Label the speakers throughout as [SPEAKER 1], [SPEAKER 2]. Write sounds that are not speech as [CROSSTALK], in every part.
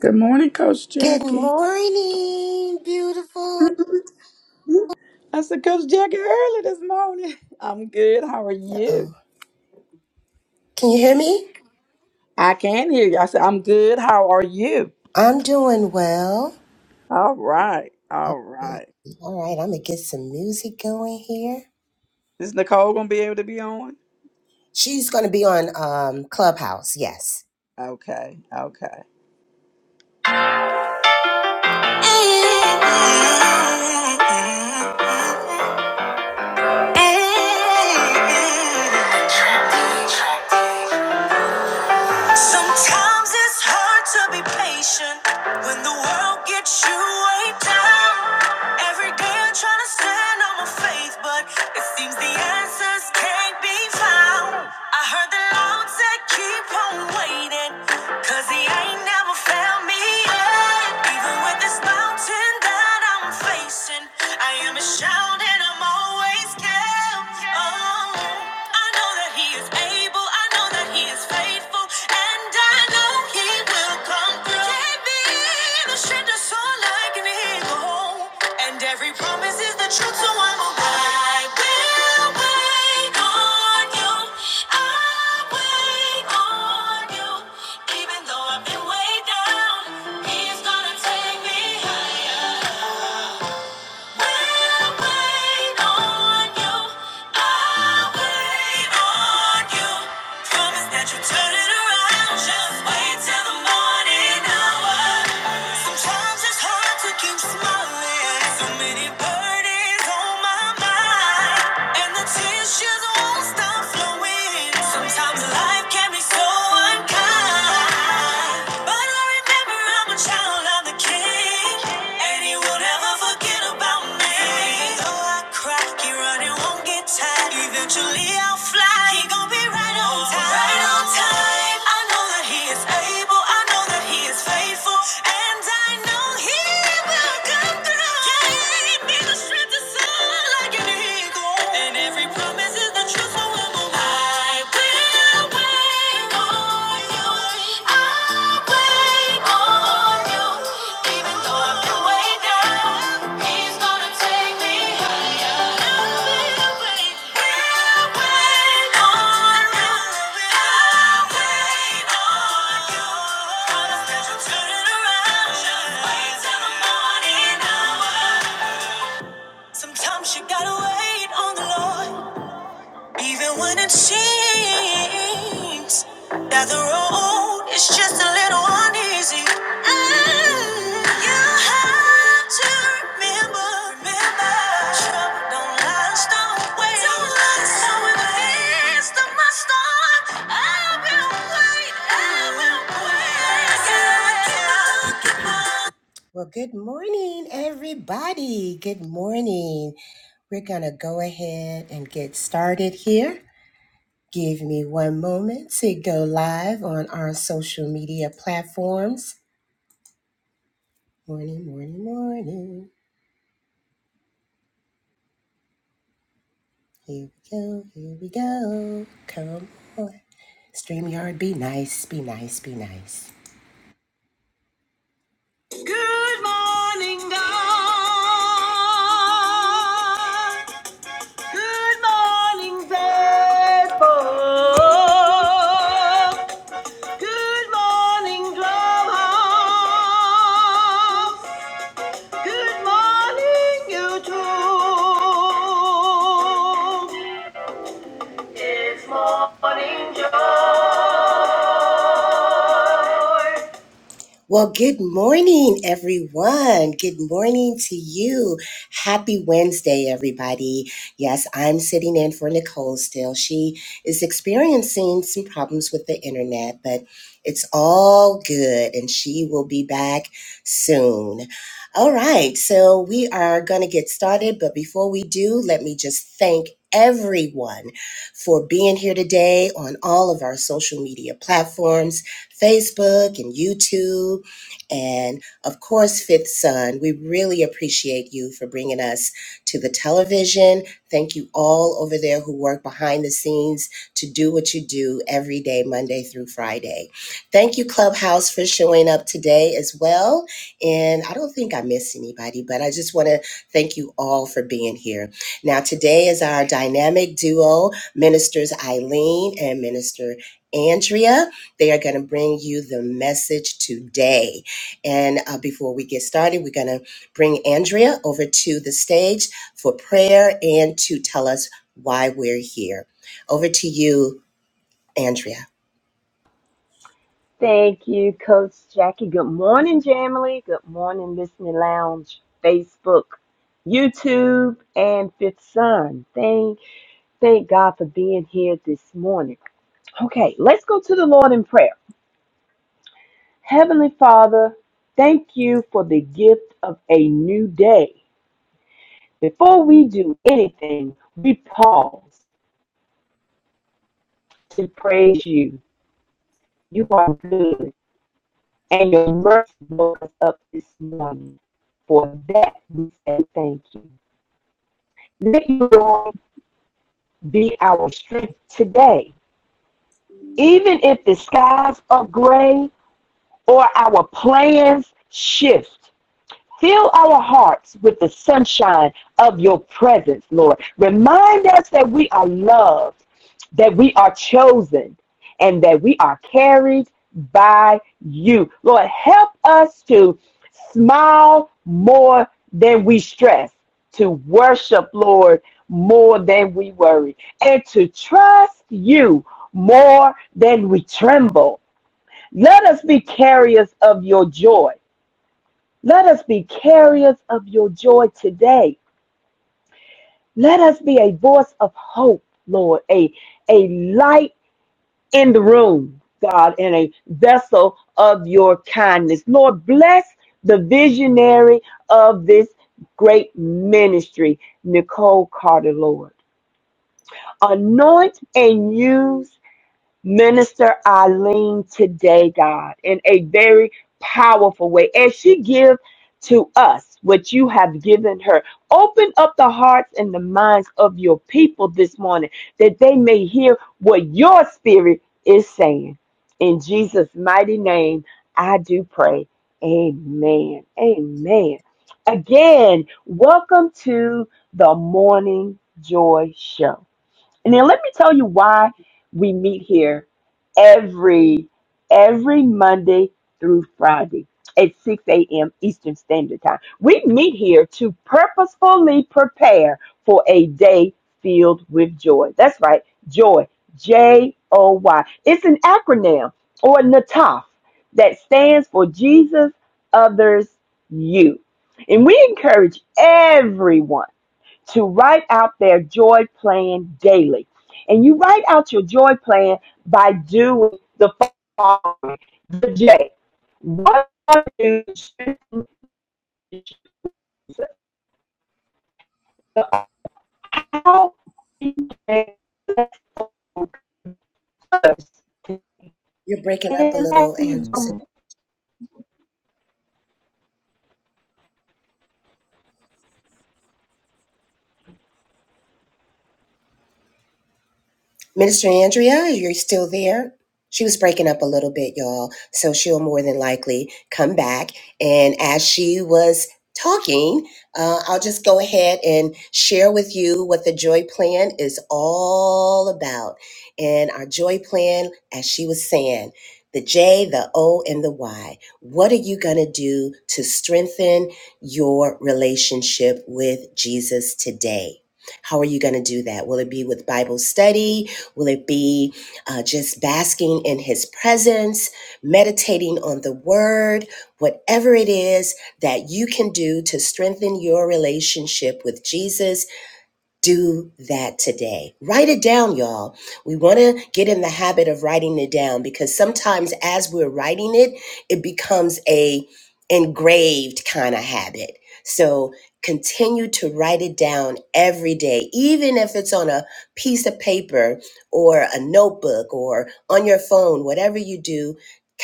[SPEAKER 1] Good morning, Coach
[SPEAKER 2] Good
[SPEAKER 1] Jackie.
[SPEAKER 2] morning, beautiful.
[SPEAKER 1] I said, Coach Jackie, early this morning. [LAUGHS] I'm good. How are you?
[SPEAKER 2] Oh, can you hear me?
[SPEAKER 1] I can hear you. I said, I'm good. How are you?
[SPEAKER 2] I'm doing well.
[SPEAKER 1] All right. All right.
[SPEAKER 2] All right, I'm gonna get some music going here.
[SPEAKER 1] Is Nicole going to be able to be on?
[SPEAKER 2] She's gonna be on um, Clubhouse. Yes.
[SPEAKER 1] Okay. Okay.
[SPEAKER 2] Sometimes it's hard to be patient when the world gets you way down. Every day I'm trying to stand on my faith, but it seems the answers can't be found. I heard the Lord said, Keep on waiting, cause He ain't never found me yet. Even with this mountain that I'm facing, I am a shout and I'm always kept. Oh, I know that He is able. I know that He is faithful, and I know He will come through. Gave me the strength to soar like an eagle, and every promise is the truth, so I'm a i am I will wait on You. I wait on You, even though I've been way down. He's gonna take me higher. Sometimes life can be so unkind. But I remember I'm a child of the king. And he will never forget about me. Though I cry, keep running, won't get tired. Eventually I'll fly. He gon' be right on time. Right on time. I know that he is able. I know that he is faithful. And I know he will come through. Yeah, he needs the strength to soar like an eagle. And every promise is the truth. so Sometimes you gotta wait on the Lord. Even when it seems that the road is just a little uneasy, mm, you have to remember, remember, trouble don't last always. Don't last So in the midst of my storm, I will wait, I will wait. I gotta keep on, keep on. Well, good morning, everybody. Good morning. We're going to go ahead and get started here. Give me one moment to go live on our social media platforms. Morning, morning, morning. Here we go, here we go. Come on. StreamYard, be nice, be nice, be nice. Good morning, God. Good morning, faithful. Good morning, Clubhouse. Good morning, YouTube. It's morning joy. Well, good morning, everyone. Good morning to you. Happy Wednesday, everybody. Yes, I'm sitting in for Nicole still. She is experiencing some problems with the internet, but it's all good and she will be back soon. All right, so we are going to get started, but before we do, let me just thank Everyone for being here today on all of our social media platforms. Facebook and YouTube. And of course, Fifth Son, we really appreciate you for bringing us to the television. Thank you all over there who work behind the scenes to do what you do every day, Monday through Friday. Thank you, Clubhouse, for showing up today as well. And I don't think I missed anybody, but I just want to thank you all for being here. Now, today is our dynamic duo, Ministers Eileen and Minister Andrea. They are going to bring you the message today. And uh, before we get started, we're going to bring Andrea over to the stage for prayer and to tell us why we're here. Over to you, Andrea.
[SPEAKER 3] Thank you, Coach Jackie. Good morning, Jamily. Good morning, Listening Lounge, Facebook, YouTube, and Fifth Sun. Thank, thank God for being here this morning. Okay, let's go to the Lord in prayer. Heavenly Father, thank you for the gift of a new day. Before we do anything, we pause to praise you. You are good. and your mercy woke us up this morning. For that we say thank you. Let you, Lord, be our strength today. Even if the skies are gray or our plans shift, Fill our hearts with the sunshine of your presence, Lord. Remind us that we are loved, that we are chosen, and that we are carried by you. Lord, help us to smile more than we stress, to worship, Lord, more than we worry, and to trust you more than we tremble. Let us be carriers of your joy let us be carriers of your joy today. Let us be a voice of hope, Lord, a, a light in the room, God, and a vessel of your kindness. Lord, bless the visionary of this great ministry, Nicole Carter, Lord. Anoint and use Minister Eileen today, God, in a very powerful way. As she gives to us what you have given her, open up the hearts and the minds of your people this morning that they may hear what your spirit is saying. In Jesus' mighty name, I do pray. Amen. Amen. Again, welcome to the Morning Joy Show. And then let me tell you why we meet here every every Monday through Friday at 6 a.m. Eastern Standard Time. We meet here to purposefully prepare for a day filled with joy. That's right, joy. J O Y. It's an acronym or NATAF that stands for Jesus, others, you. And we encourage everyone to write out their joy plan daily. And you write out your joy plan by doing the following. The J. What are you strengthening So how
[SPEAKER 2] You're breaking up a
[SPEAKER 3] And
[SPEAKER 2] little, Andrea. Minister Andrea, you're still there? She was breaking up a little bit, y'all. So she'll more than likely come back. And as she was talking, uh, I'll just go ahead and share with you what the joy plan is all about. And our joy plan, as she was saying, the J, the O, and the Y. What are you going to do to strengthen your relationship with Jesus today? How are you going to do that? Will it be with Bible study? Will it be uh, just basking in his presence, meditating on the word, whatever it is that you can do to strengthen your relationship with Jesus? do that today. Write it down, y'all. We want to get in the habit of writing it down because sometimes as we're writing it, it becomes a engraved kind of habit. So continue to write it down every day, even if it's on a piece of paper or a notebook or on your phone, whatever you do,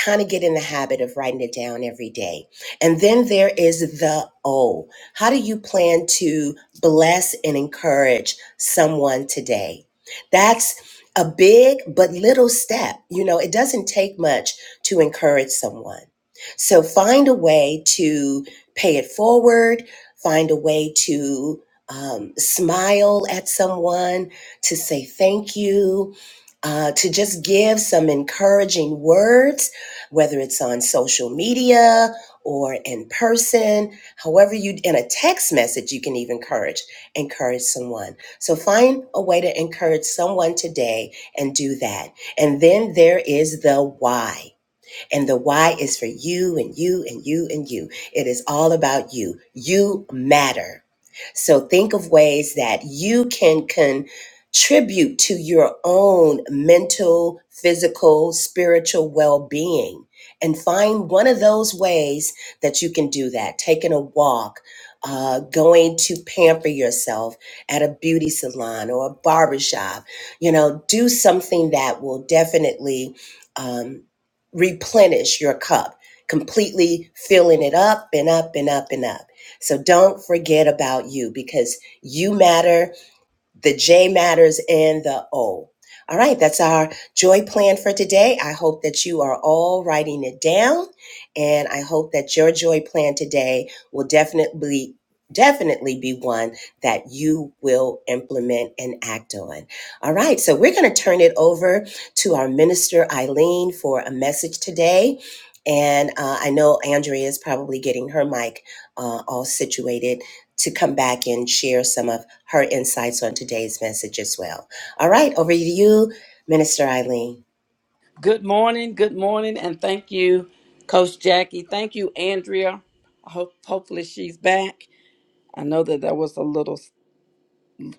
[SPEAKER 2] kind of get in the habit of writing it down every day. And then there is the O. How do you plan to bless and encourage someone today? That's a big but little step. You know, it doesn't take much to encourage someone. So find a way to pay it forward, find a way to um, smile at someone, to say thank you, uh, to just give some encouraging words, whether it's on social media or in person However, you in a text message, you can even encourage encourage someone. So find a way to encourage someone today and do that. And then there is the why. And the why is for you and you and you and you. It is all about you. You matter. So think of ways that you can contribute to your own mental, physical, spiritual well being. And find one of those ways that you can do that taking a walk, uh, going to pamper yourself at a beauty salon or a barbershop. You know, do something that will definitely. Um, replenish your cup, completely filling it up and up and up and up. So don't forget about you because you matter the J matters and the O. All right, that's our joy plan for today. I hope that you are all writing it down and I hope that your joy plan today will definitely definitely be one that you will implement and act on. All right, so we're going to turn it over to our minister Eileen for a message today. And uh, I know Andrea is probably getting her mic uh, all situated to come back and share some of her insights on today's message as well. All right, over to you, Minister Eileen.
[SPEAKER 1] Good morning. Good morning. And thank you, Coach Jackie. Thank you, Andrea. I hope, hopefully she's back. I know that there was a little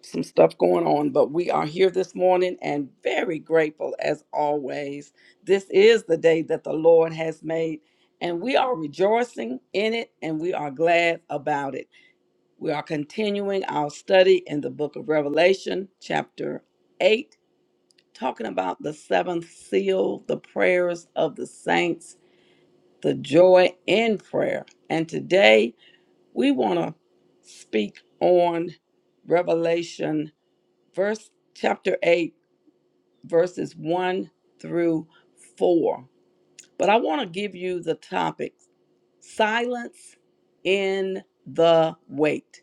[SPEAKER 1] some stuff going on, but we are here this morning and very grateful as always. This is the day that the Lord has made, and we are rejoicing in it and we are glad about it. We are continuing our study in the book of Revelation, chapter 8, talking about the seventh seal, the prayers of the saints, the joy in prayer. And today we want to speak on Revelation verse chapter 8 verses 1 through 4 but i want to give you the topic silence in the wait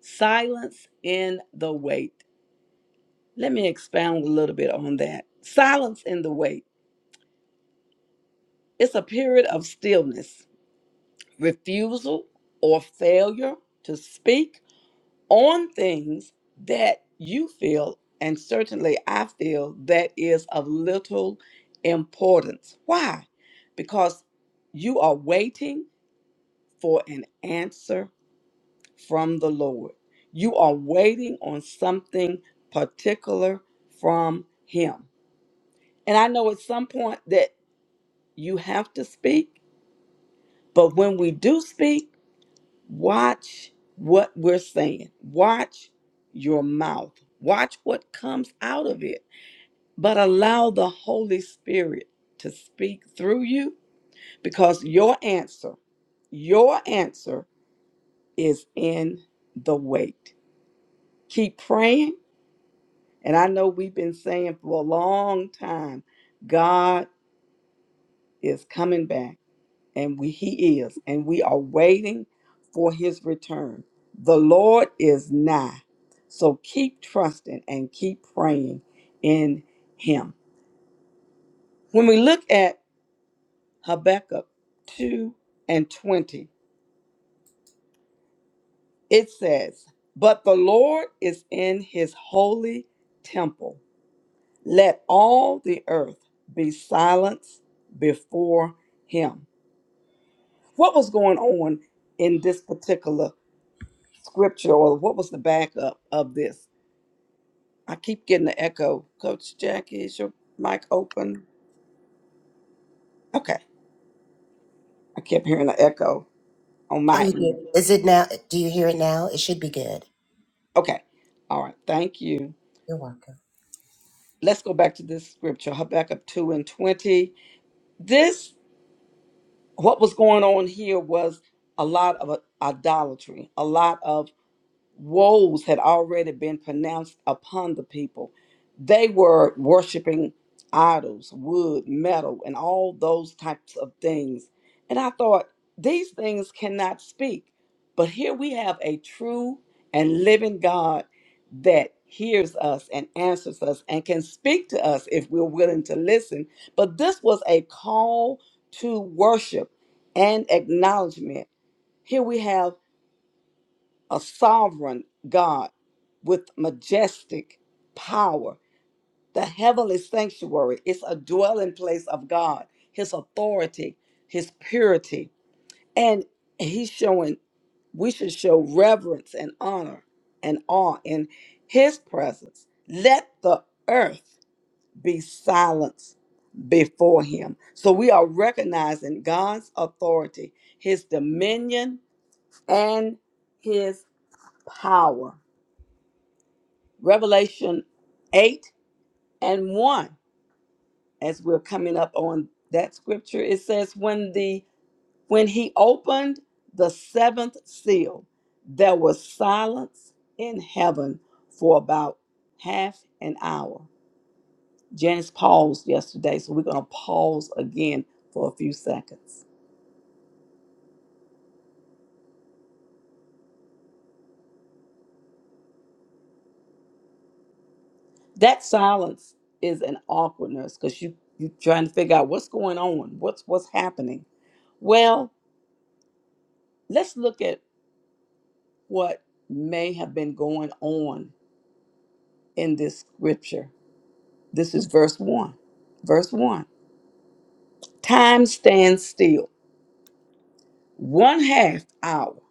[SPEAKER 1] silence in the wait let me expound a little bit on that silence in the wait it's a period of stillness refusal or failure to speak on things that you feel, and certainly I feel, that is of little importance. Why? Because you are waiting for an answer from the Lord. You are waiting on something particular from Him. And I know at some point that you have to speak, but when we do speak, Watch what we're saying. Watch your mouth. Watch what comes out of it. But allow the Holy Spirit to speak through you because your answer, your answer is in the wait. Keep praying. And I know we've been saying for a long time God is coming back. and we, he is, and we are waiting for his return. The Lord is nigh. So keep trusting and keep praying in him. When we look at Habakkuk 2 and 20, it says, But the Lord is in his holy temple. Let all the earth be silenced before him. What was going on in this particular? scripture or what was the backup of this? I keep getting the echo. Coach Jackie, is your mic open? Okay. I kept hearing the echo on
[SPEAKER 2] Are
[SPEAKER 1] my
[SPEAKER 2] you good?
[SPEAKER 1] end.
[SPEAKER 2] Is it now? Do you hear it now? It should be good.
[SPEAKER 1] Okay. All right. Thank you.
[SPEAKER 2] You're welcome.
[SPEAKER 1] Let's go back to this scripture, Habakkuk 2 and 20. This, what was going on here was a lot of idolatry, a lot of woes had already been pronounced upon the people. They were worshiping idols, wood, metal, and all those types of things. And I thought, these things cannot speak. But here we have a true and living God that hears us and answers us and can speak to us if we're willing to listen. But this was a call to worship and acknowledgement. Here we have a sovereign God with majestic power. The heavenly sanctuary is a dwelling place of God, His authority, His purity. And He's showing, we should show reverence and honor and awe in His presence. Let the earth be silenced before Him. So we are recognizing God's authority, His dominion, and His power Revelation 8 and 1, as we're coming up on that scripture, it says, When the when he opened the seventh seal, there was silence in heaven for about half an hour. Janice paused yesterday, so we're gonna pause again for a few seconds. That silence is an awkwardness because you you're trying to figure out what's going on, what's what's happening. Well, let's look at what may have been going on in this scripture. This is verse 1. Verse 1. Time stands still. One half hour,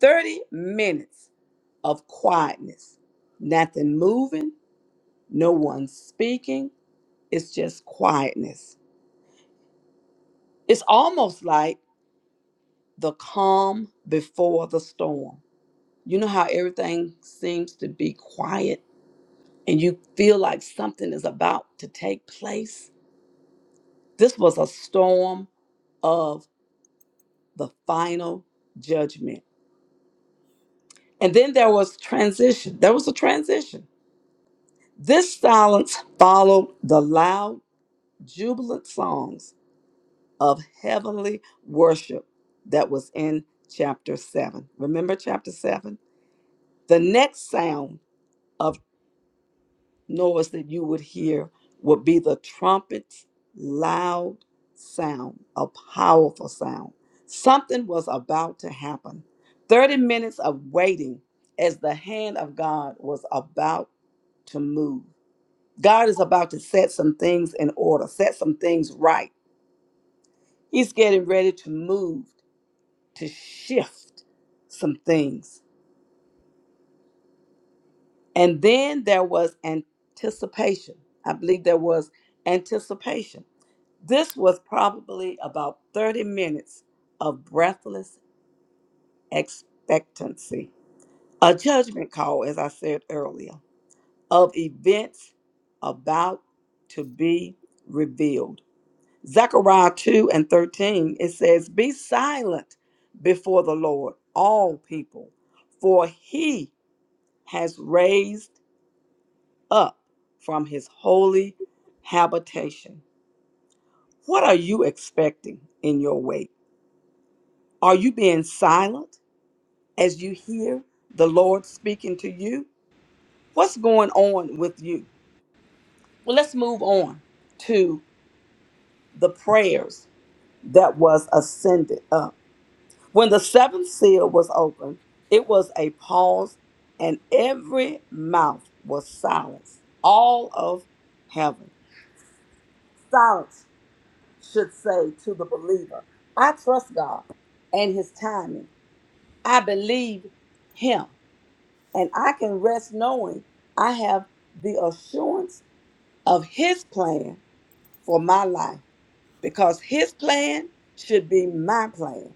[SPEAKER 1] 30 minutes of quietness. Nothing moving, no one speaking. It's just quietness. It's almost like the calm before the storm. You know how everything seems to be quiet and you feel like something is about to take place? This was a storm of the final judgment. And then there was transition. There was a transition. This silence followed the loud, jubilant songs of heavenly worship that was in chapter 7. Remember chapter 7? The next sound of noise that you would hear would be the trumpet's loud sound, a powerful sound. Something was about to happen. 30 minutes of waiting as the hand of God was about to move. God is about to set some things in order, set some things right. He's getting ready to move, to shift some things. And then there was anticipation. I believe there was anticipation This was probably about 30 minutes of breathless expectancy. A judgment call, as I said earlier, of events about to be revealed. Zechariah 2 and 13, it says, Be silent before the Lord, all people, for he has raised up from his holy habitation. What are you expecting in your wait? Are you being silent as you hear the Lord speaking to you? What's going on with you? Well, let's move on to the prayers that was ascended up. When the seventh seal was opened, it was a pause, and every mouth was silenced. All of heaven. Silence should say to the believer, I trust God and his timing. I believe him. And I can rest knowing I have the assurance of His plan for my life because His plan should be my plan.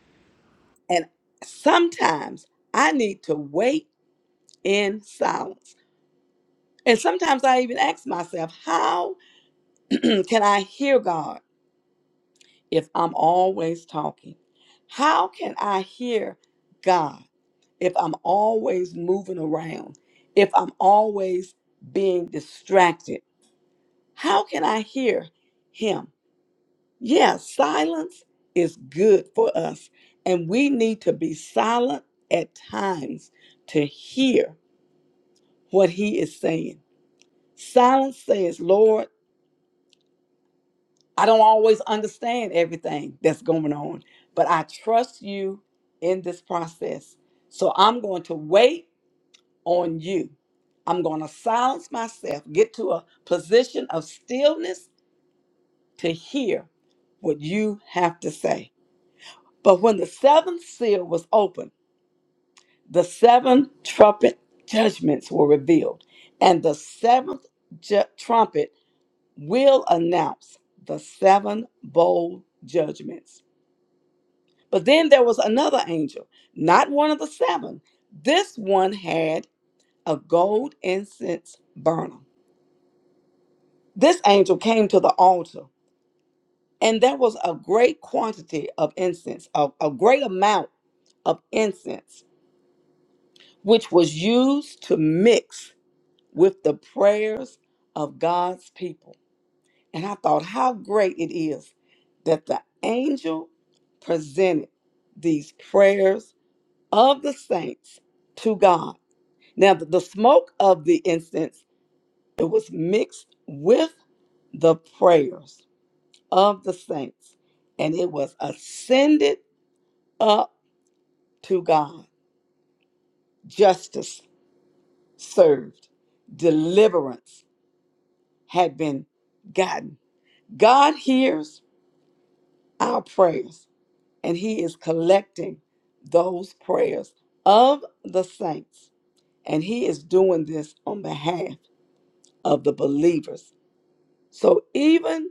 [SPEAKER 1] And sometimes I need to wait in silence. And sometimes I even ask myself, how [CLEARS THROAT] can I hear God if I'm always talking? How can I hear God if I'm always moving around? If I'm always being distracted? How can I hear him? Yes, silence is good for us, and we need to be silent at times to hear what he is saying. Silence says, Lord, I don't always understand everything that's going on, but I trust you in this process. So I'm going to wait on you. I'm going to silence myself, get to a position of stillness to hear what you have to say. But when the seventh seal was opened, the seven trumpet judgments were revealed, and the seventh ju- trumpet will announce the seven bold judgments. But then there was another angel, not one of the seven. This one had a gold incense burner. This angel came to the altar, and there was a great quantity of incense, a, a great amount of incense, which was used to mix with the prayers of God's people. And I thought how great it is that the angel presented these prayers of the saints to God. Now, the the smoke of the incense, it was mixed with the prayers of the saints, and it was ascended up to God. Justice served, deliverance had been gotten. God hears our prayers, and He is collecting those prayers of the saints. And He is doing this on behalf of the believers. So even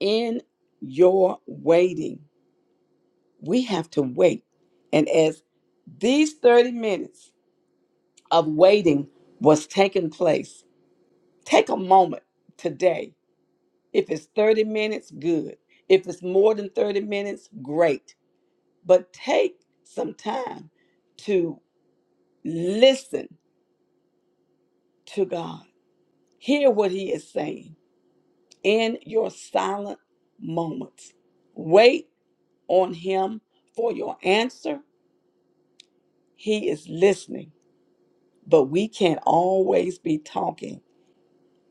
[SPEAKER 1] in your waiting, we have to wait. And as these 30 minutes of waiting was taking place, take a moment today. If it's 30 minutes, good. If it's more than 30 minutes, great. But take some time to Listen to God. Hear what He is saying in your silent moments. Wait on Him for your answer. He is listening, but we can't always be talking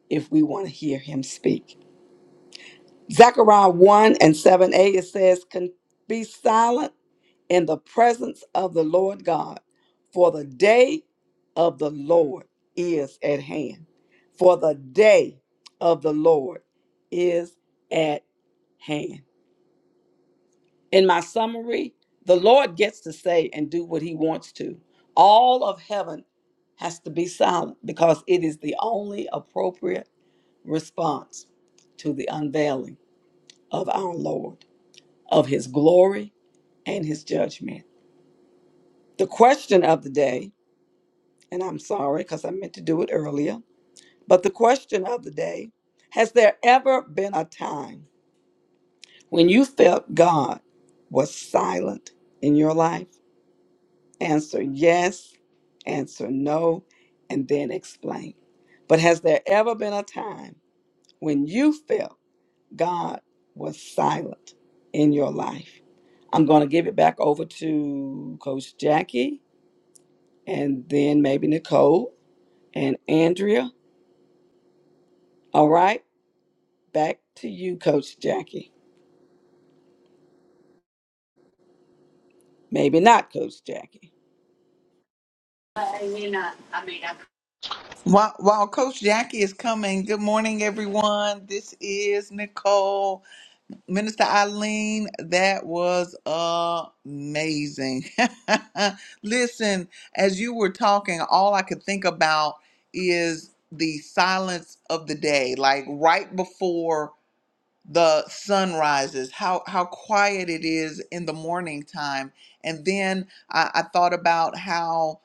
[SPEAKER 1] if we want to hear Him speak. Zechariah 1 and 7a, it says, "Con- Be silent in the presence of the Lord God, for the day of the Lord is at hand. For the day of the Lord is at hand. In my summary, the Lord gets to say and do what he wants to. All of heaven has to be silent because it is the only appropriate response to the unveiling of our Lord, of his glory and his judgment. The question of the day and I'm sorry because I meant to do it earlier. But the question of the day Has there ever been a time when you felt God was silent in your life? Answer yes, answer no, and then explain. But has there ever been a time when you felt God was silent in your life? I'm going to give it back over to Coach Jackie and then maybe Nicole and Andrea. All right. Back to you, Coach Jackie. Maybe not, Coach Jackie.
[SPEAKER 4] While, while Coach Jackie is coming, good morning, everyone. This is Nicole. Minister Eileen, that was amazing. [LAUGHS] Listen, as you were talking, all I could think about is the silence of the day, like right before the sun rises, how, how quiet it is in the morning time. And then I, I thought about how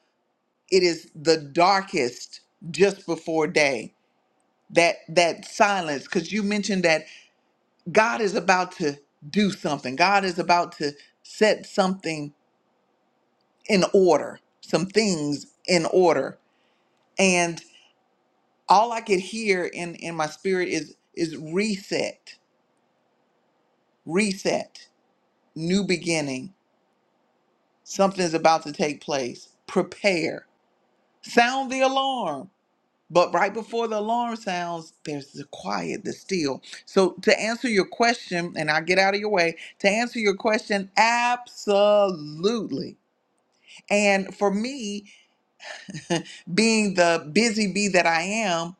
[SPEAKER 4] it is the darkest just before day that that silence because you mentioned that god is about to do something god is about to set something in order some things in order and all i could hear in in my spirit is is reset reset new beginning something's about to take place prepare sound the alarm But right before the alarm sounds, there's the quiet, the still. So to answer your question, and I'll get out of your way, to answer your question, absolutely. And for me, [LAUGHS] being the busy bee that I am,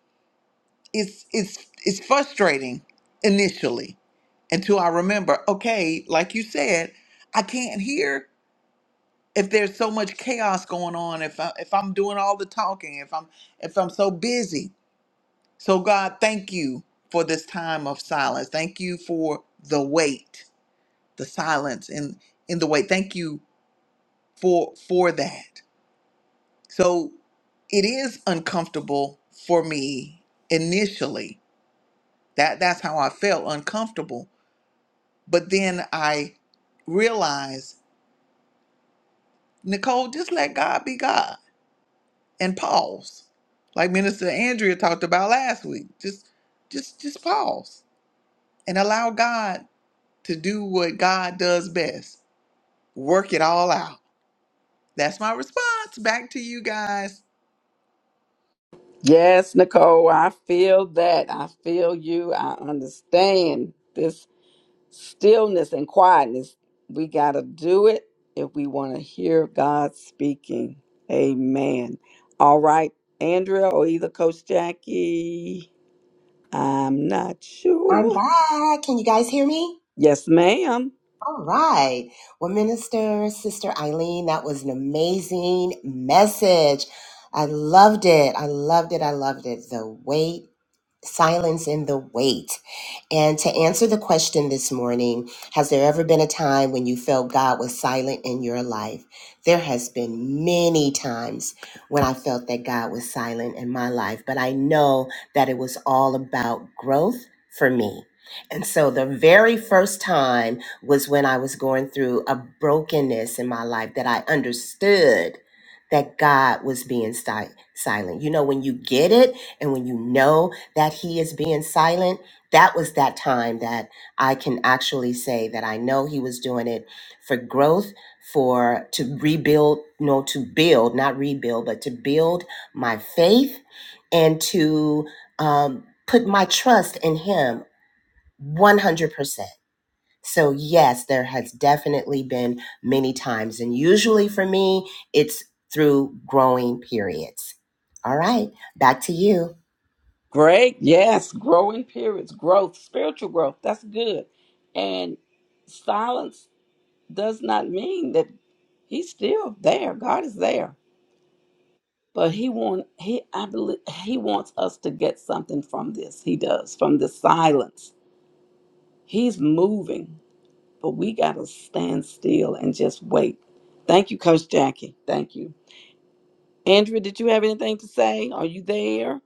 [SPEAKER 4] it's it's it's frustrating initially until I remember, okay, like you said, I can't hear if there's so much chaos going on, if I, if I'm doing all the talking, if I'm if I'm so busy. So, God, thank you for this time of silence. Thank you for the wait, the silence in, in the wait. Thank you for for that. So it is uncomfortable for me initially. That that's how I felt uncomfortable. But then I realized, Nicole, just let God be God and pause. Like Minister Andrea talked about last week. Just just just pause and allow God to do what God does best work it all out. That's my response. Back to you guys.
[SPEAKER 1] Yes, Nicole, I feel that. I feel you. I understand this stillness and quietness. We got to do it if we want to hear God speaking. Amen. All right, Andrea or either Coach Jackie. I'm not
[SPEAKER 2] I'm
[SPEAKER 1] sure.
[SPEAKER 2] back. Can you guys hear me?
[SPEAKER 1] Yes, ma'am.
[SPEAKER 2] All right. Well, Minister, Sister Eileen, that was an amazing message. I loved it. I loved it. I loved it. The weight silence in the wait. And to answer the question this morning, has there ever been a time when you felt God was silent in your life? There has been many times when I felt that God was silent in my life, but I know that it was all about growth for me. And so the very first time was when I was going through a brokenness in my life that I understood that God was being si- silent. You know, when you get it and when you know that he is being silent, that was that time that I can actually say that I know he was doing it for growth, for to rebuild, no, to build, not rebuild, but to build my faith and to um, put my trust in him 100%. So, yes, there has definitely been many times. And usually for me, it's through growing periods. All right, back to you.
[SPEAKER 1] Great. Yes, growing periods, growth, spiritual growth. That's good. And silence does not mean that he's still there. God is there. But he want he I believe he wants us to get something from this. He does from the silence. He's moving, but we gotta stand still and just wait. Thank you, Coach Jackie. Thank you. Andrea, did you have anything to say? Are you there?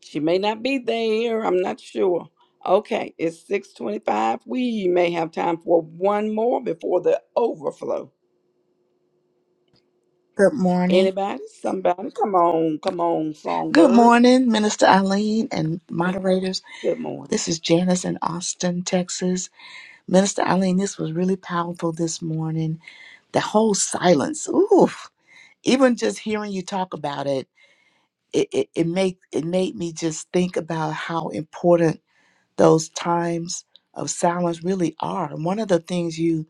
[SPEAKER 1] She may not be there. I'm not sure. Okay, it's 625. We may have time for one more before the overflow.
[SPEAKER 5] Good morning.
[SPEAKER 1] Anybody? Somebody? Come on, come on,
[SPEAKER 5] Good
[SPEAKER 1] songbird.
[SPEAKER 5] morning, Minister Eileen and moderators.
[SPEAKER 1] Good morning.
[SPEAKER 5] This is Janice in Austin, Texas. Minister Eileen, this was really powerful this morning. The whole silence. Ooh, even just hearing you talk about it, it, it, it make it made me just think about how important those times of silence really are. And one of the things you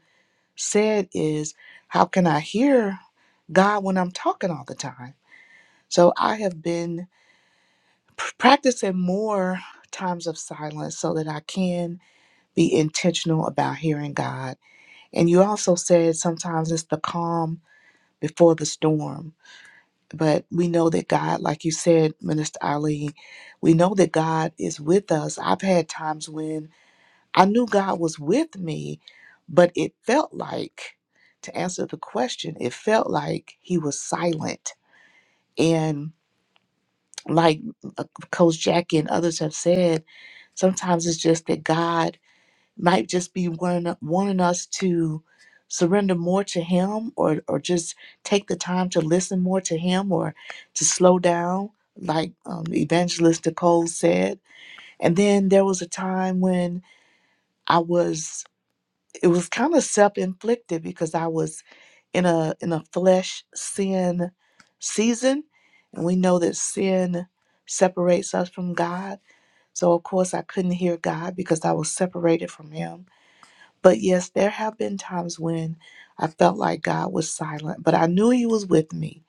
[SPEAKER 5] said is, how can I hear God when I'm talking all the time? So I have been p- practicing more times of silence so that I can be intentional about hearing God. And you also said sometimes it's the calm before the storm. But we know that God, like you said, Minister Ali, we know that God is with us. I've had times when I knew God was with me, but it felt like, to answer the question, it felt like He was silent. and. like uh, Coach Jackie and others have said, sometimes it's just that God might just be wanting, wanting us to surrender more to Him or, or just take the time to listen more to Him or to slow down, like um, Evangelist Nicole said. And then there was a time when I was, it was kind of self inflicted because I was in a in a flesh sin season and we know that sin separates us from God so of course I couldn't hear God because I was separated from him but yes there have been times when I felt like God was silent but I knew he was with me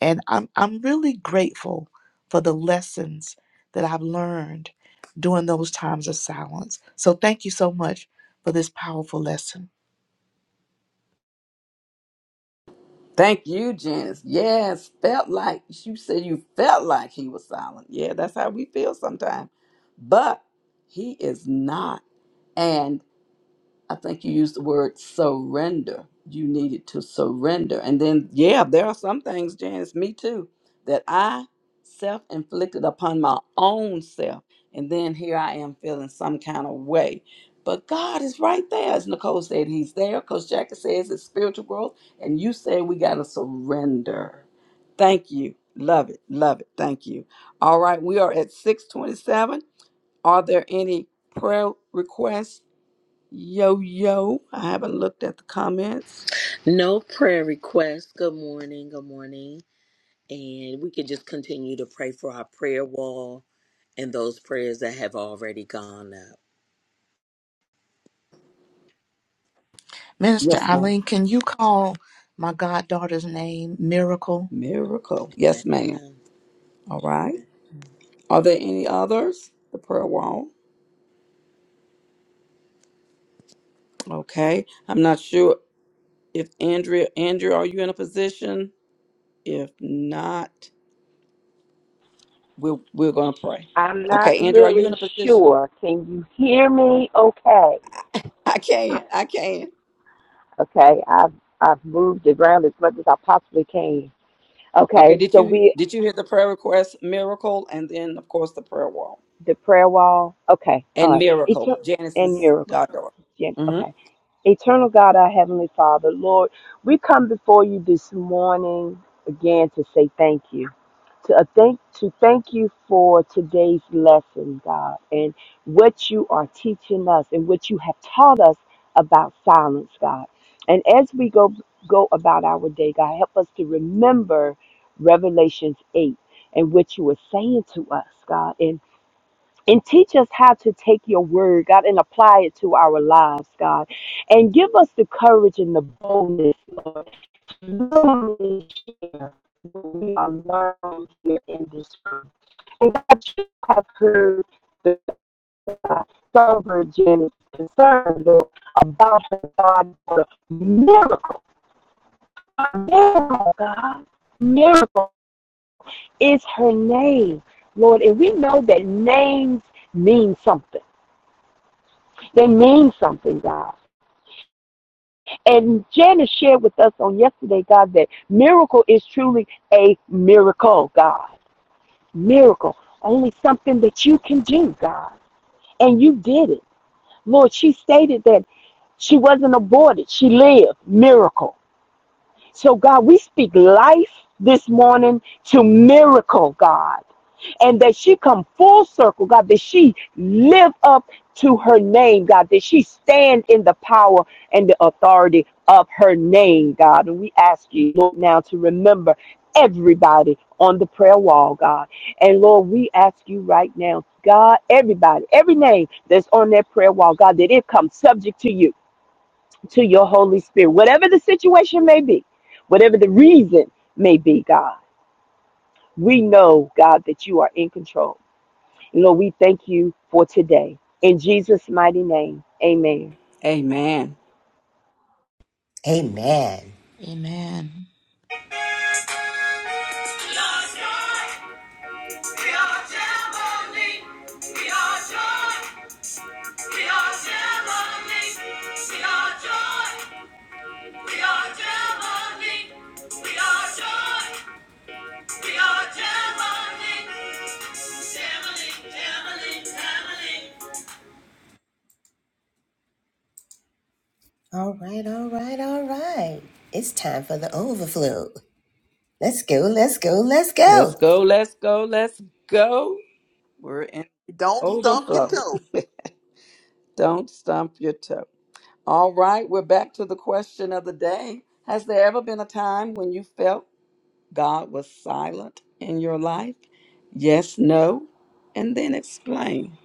[SPEAKER 5] and I'm I'm really grateful for the lessons that I've learned during those times of silence so thank you so much for this powerful lesson
[SPEAKER 1] Thank you, Janice. Yes, felt like you said you felt like he was silent. Yeah, that's how we feel sometimes. But he is not. I think you used the word surrender. You needed to surrender. And then, yeah, there are some things, Janice, me too, that I self inflicted upon my own self. And then here I am feeling some kind of way. But God is right there. As Nicole said, He's there. Coach Jackie says it's spiritual growth. And you say we got to surrender. Thank you. Love it. Love it. Thank you. All right. We are at 627. Are there any prayer requests? Yo, yo. I haven't looked at the comments.
[SPEAKER 6] No prayer requests. Good morning. Good morning. And we can just continue to pray for our prayer wall and those prayers that have already gone up.
[SPEAKER 5] Minister
[SPEAKER 1] Yes, ma'am.
[SPEAKER 5] Eileen, can you call my goddaughter's name Miracle?
[SPEAKER 1] Miracle. Yes, ma'am. All right. Are there any others? The prayer wall. Okay. I'm not sure if Andrea, Andrea, are you in a position? If not, we're we're gonna pray.
[SPEAKER 3] I'm not
[SPEAKER 1] Okay, Andrea, are you in
[SPEAKER 3] really
[SPEAKER 1] a position?
[SPEAKER 3] sure. Can you hear me okay?
[SPEAKER 1] I can. I can.
[SPEAKER 3] Okay, I've, I've moved around as much as I possibly can.
[SPEAKER 1] Okay.
[SPEAKER 3] Okay,
[SPEAKER 1] Did
[SPEAKER 3] so
[SPEAKER 1] you
[SPEAKER 3] we,
[SPEAKER 1] did you hear the prayer request? Miracle, and then of course the prayer wall
[SPEAKER 3] the prayer wall. Okay, all
[SPEAKER 1] and
[SPEAKER 3] right. It's
[SPEAKER 1] miracle.
[SPEAKER 3] a, and
[SPEAKER 1] Janice's
[SPEAKER 3] miracle.
[SPEAKER 1] goddaughter.
[SPEAKER 3] Yeah,
[SPEAKER 1] Mm-hmm.
[SPEAKER 3] okay. Eternal God, our Heavenly Father, Lord, we come before you this morning again to say thank you. To uh, thank to thank you for today's lesson, God, and what you are teaching us and what you have taught us about silence, God. And as we go go about our day, God, help us to remember Revelations 8 and what you were saying to us, God. and and teach us how to take your word, God, and apply it to our lives, God. And give us the courage and the boldness, Lord, to literally share what we are learning here in this room. And God, you have heard the uh, sober Jenny's concern, Lord, about the God for a miracle. A Miracle, God. Miracle is her name, Lord. And we know that names mean something. They mean something, God. And Janice shared with us on yesterday, God, that miracle is truly a miracle, God. Miracle. Only something that you can do, God. And you did it. Lord, she stated that she wasn't aborted. She lived. Miracle. So, God, we speak life this morning to miracle, God. and that she come full circle, God, that she live up to her name, God, that she stand in the power and the authority of her name, God. And we ask you, Lord, now to remember everybody on the prayer wall, God. And Lord, we ask you right now, God, everybody, every name that's on that prayer wall, God, that it comes subject to you, to your Holy Spirit, whatever the situation may be, whatever the reason may be, God. We know, God, that you are in control. Lord, we thank you for today. In Jesus' mighty name, amen.
[SPEAKER 1] Amen.
[SPEAKER 2] Amen.
[SPEAKER 5] Amen.
[SPEAKER 2] All right, all right, all right. It's time for the overflow. Let's go, let's go, let's
[SPEAKER 1] Let's
[SPEAKER 2] go.
[SPEAKER 1] go, let's go, let's go. We're in
[SPEAKER 4] Don't stump your
[SPEAKER 1] overflow.
[SPEAKER 4] toe.
[SPEAKER 1] [LAUGHS] Don't stump your toe. All right, we're back to the question of the day. Has there ever been a time when you felt God was silent in your life? Yes, no, and then explain.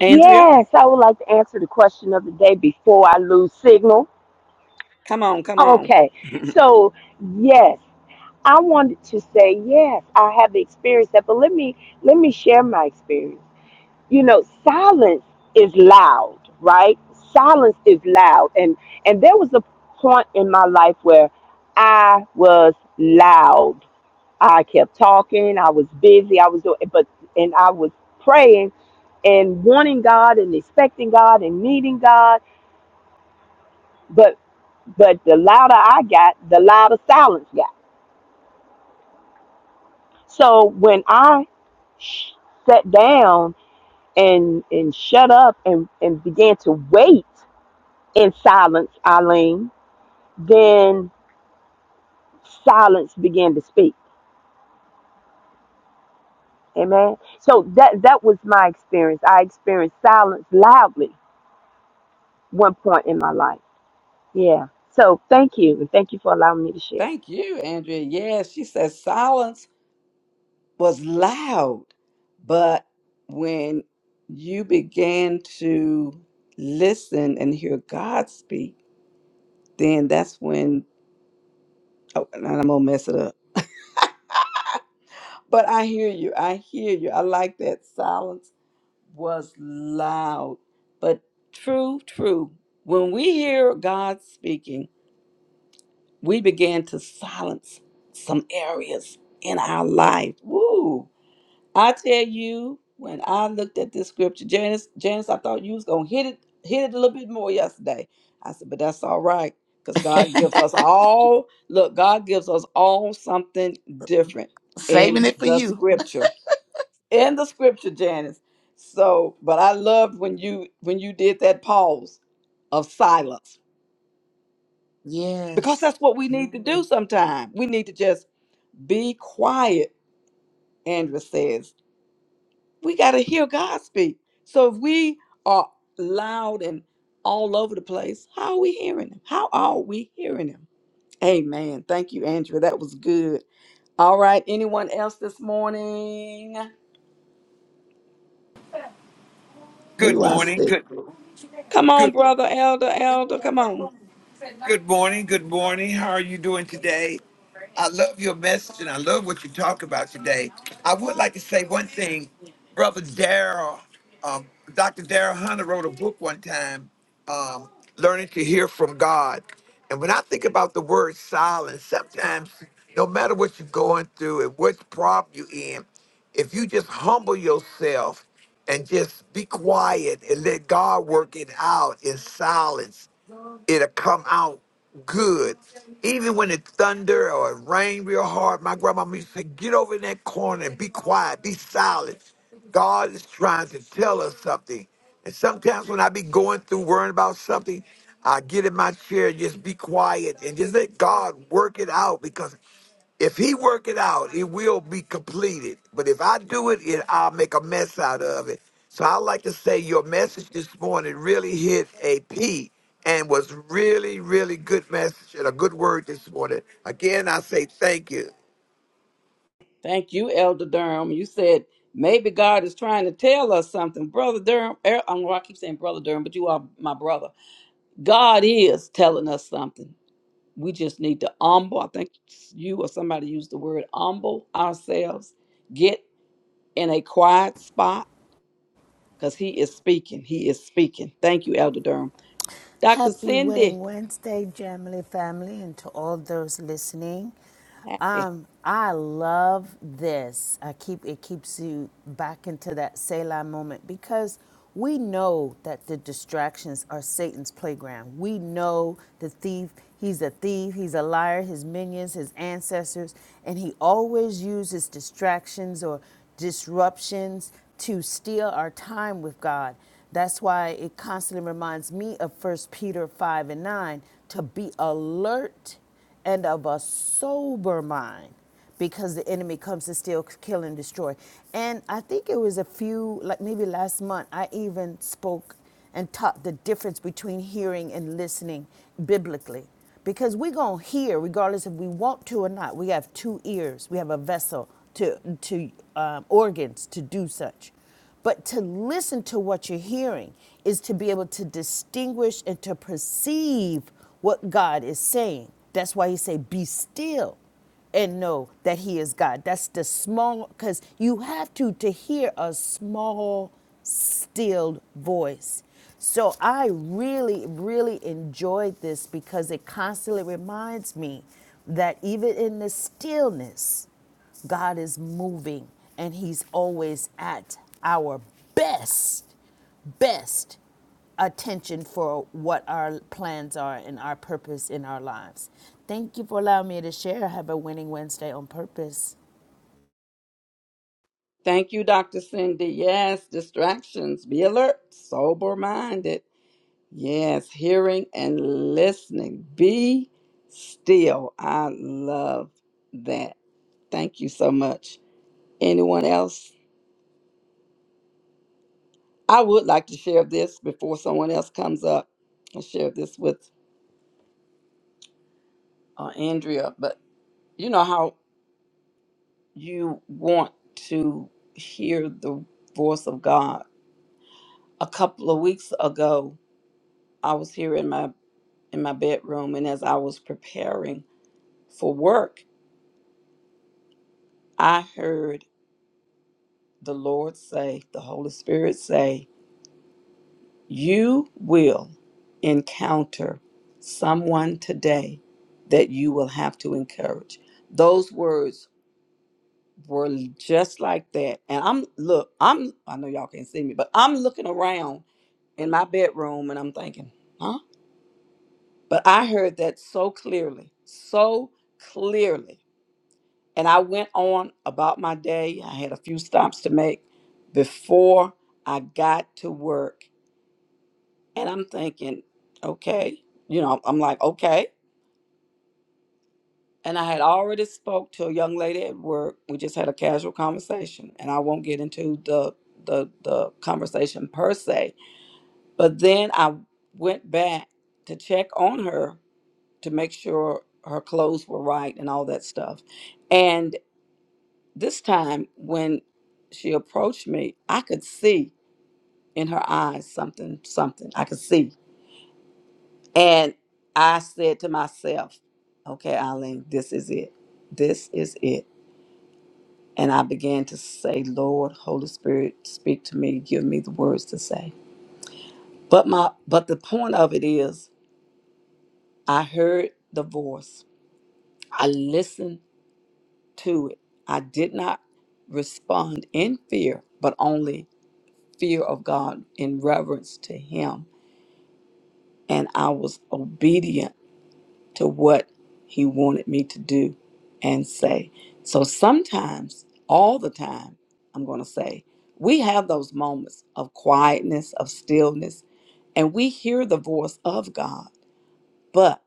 [SPEAKER 1] Andrea,
[SPEAKER 3] Yes, I would like to answer the question of the day before I lose signal.
[SPEAKER 1] come on, come on.
[SPEAKER 3] Okay, so yes, I wanted to say yes, I have experienced that, but let me let me share my experience. You know, silence is loud, right? Silence is loud, and and there was a point in my life where I was loud I kept talking. I was busy. I was doing, but and I was praying and wanting God and expecting God and needing God. But but the louder I got, the louder silence got. So when I sh- sat down and and shut up and and began to wait in silence, Eileen, then silence began to speak. Amen. So that that was my experience. I experienced silence loudly one point in my life Yeah. So thank you. And thank you for allowing me to share.
[SPEAKER 1] Thank you, Andrea. Yes, she says silence was loud But when you began to listen and hear God speak, then that's when, oh, and I'm going to mess it up. But I hear you. I hear you. I like that silence was loud. But true, true. When we hear God speaking, we begin to silence some areas in our life. Woo! I tell you, when I looked at this scripture, Janice, Janice, I thought you was gonna hit it, hit it a little bit more yesterday. I said, but that's all right, because
[SPEAKER 5] [LAUGHS]
[SPEAKER 1] God gives us all. Look, God gives us all something different
[SPEAKER 5] Saving
[SPEAKER 1] in
[SPEAKER 5] it for
[SPEAKER 1] the
[SPEAKER 5] you.
[SPEAKER 1] scripture. In the scripture, Janice. So, but I loved when you when you did that pause of silence because
[SPEAKER 5] Yes.
[SPEAKER 1] that's what we need to do sometimes. We need to just be quiet. Andrew says we got to hear God speak. So if we are loud and all over the place, how are we hearing Him? How are we hearing Him? Amen. Thank you, Andrew. That was good. All right. Anyone else this morning?
[SPEAKER 7] Good
[SPEAKER 1] Who I
[SPEAKER 7] morning.
[SPEAKER 1] see?
[SPEAKER 7] Good.
[SPEAKER 1] Come on,
[SPEAKER 7] Good.
[SPEAKER 1] brother, elder, elder. Come on.
[SPEAKER 7] Good morning. Good morning. How are you doing today? I love your message and I love what you talk about today. I would like to say one thing. Brother Darrell. um, Dr. Darrell Hunter wrote a book one time, um, Learning to Hear from God. And when I think about the word silence, sometimes no matter what you're going through and what problem you're in, if you just humble yourself and just be quiet and let God work it out in silence it'll come out good. Even when it thunder or it rain real hard, my grandmama used to say, get over in that corner and be quiet, be silent. God is trying to tell us something. And sometimes when I be going through worrying about something, I get in my chair, just be quiet and just let God work it out because if he work it out, it will be completed. But if I do it, it I'll make a mess out of it. So I like to say your message this morning really hit a P and was really, really good message and a good word this morning. Again, I say thank you.
[SPEAKER 1] Thank you, Elder Durham. You said maybe God is trying to tell us something, brother Durham. er- I don't know why I keep saying brother Durham, but you are my brother. God is telling us something. we just need to humble. I think you or somebody used the word humble ourselves. Get in a quiet spot because he is speaking. He is speaking. Thank you, Elder Durham. Dr.
[SPEAKER 8] Happy
[SPEAKER 1] Cindy,
[SPEAKER 8] Winning Wednesday, Jamily family, and to all those listening.
[SPEAKER 1] happy.
[SPEAKER 8] Um, I love this. I keep it keeps you back into that Selah moment because we know that the distractions are Satan's playground. We know the thief, he's a thief, he's a liar, his minions, his ancestors, and he always uses distractions or disruptions to steal our time with God. That's why it constantly reminds me of First Peter 5 and 9 to be alert and of a sober mind because the enemy comes to steal, kill, and destroy. And I think it was a few, like maybe last month, I even spoke and taught the difference between hearing and listening biblically. Because we're going to hear, regardless if we want to or not. We have two ears, we have a vessel to, to um, organs to do such. But to listen to what you're hearing is to be able to distinguish and to perceive what God is saying. That's why he say, be still and know that he is God. That's the small, because you have to, to hear a small, stilled voice. So I really, really enjoyed this because it constantly reminds me that even in the stillness, God is moving and He's always at our best, best attention for what our plans are and our purpose in our lives. Thank you for allowing me to share. Have a winning Wednesday on purpose.
[SPEAKER 1] Thank you, Dr. Cindy. Yes, distractions. Be alert, sober minded. Yes, hearing and listening. Be still. I love that. Thank you so much. Anyone else? I would like to share this before someone else comes up. I share this with uh, Andrea, but you know how you want to hear the voice of God. A couple of weeks ago, I was here in my in my bedroom, and as I was preparing for work, I heard the Lord say, the Holy Spirit say, You will encounter someone today that you will have to encourage. Those words were just like that. And I'm look, I'm I know y'all can't see me, but I'm looking around in my bedroom and I'm thinking, huh? But I heard that so clearly, so clearly. And I went on about my day. I had a few stops to make before I got to work And I'm thinking, okay, you know, I'm like, okay. And I had already spoke to a young lady at work. We just had a casual conversation, and I won't get into the the the conversation per se. But then I went back to check on her to make sure her clothes were right and all that stuff. And this time when she approached me, I could see in her eyes something something. I could see. And I said to myself, okay, Eileen, this is it. This is it. And I began to say, Lord, Holy Spirit, speak to me, give me the words to say. But my but the point of it is I heard the voice. I listened to it. I did not respond in fear, but only fear of God in reverence to him. And I was obedient to what he wanted me to do and say. So sometimes, all the time, I'm going to say, we have those moments of quietness, of stillness, and we hear the voice of God. but.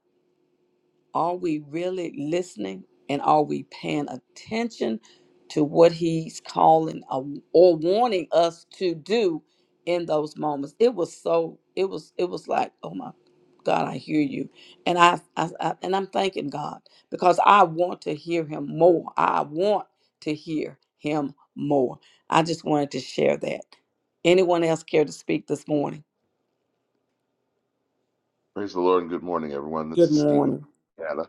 [SPEAKER 1] Are we really listening and are we paying attention to what he's calling uh, or warning us to do in those moments? It was so it was it was like, oh my God, I hear you. And I, I, I and I'm thanking God because I want to hear him more. I want to hear him more. I just wanted to share that. Anyone else care to speak this morning?
[SPEAKER 9] Praise the Lord and good morning, everyone. This
[SPEAKER 1] Good
[SPEAKER 9] is Stephen
[SPEAKER 1] morning.
[SPEAKER 9] from Canada,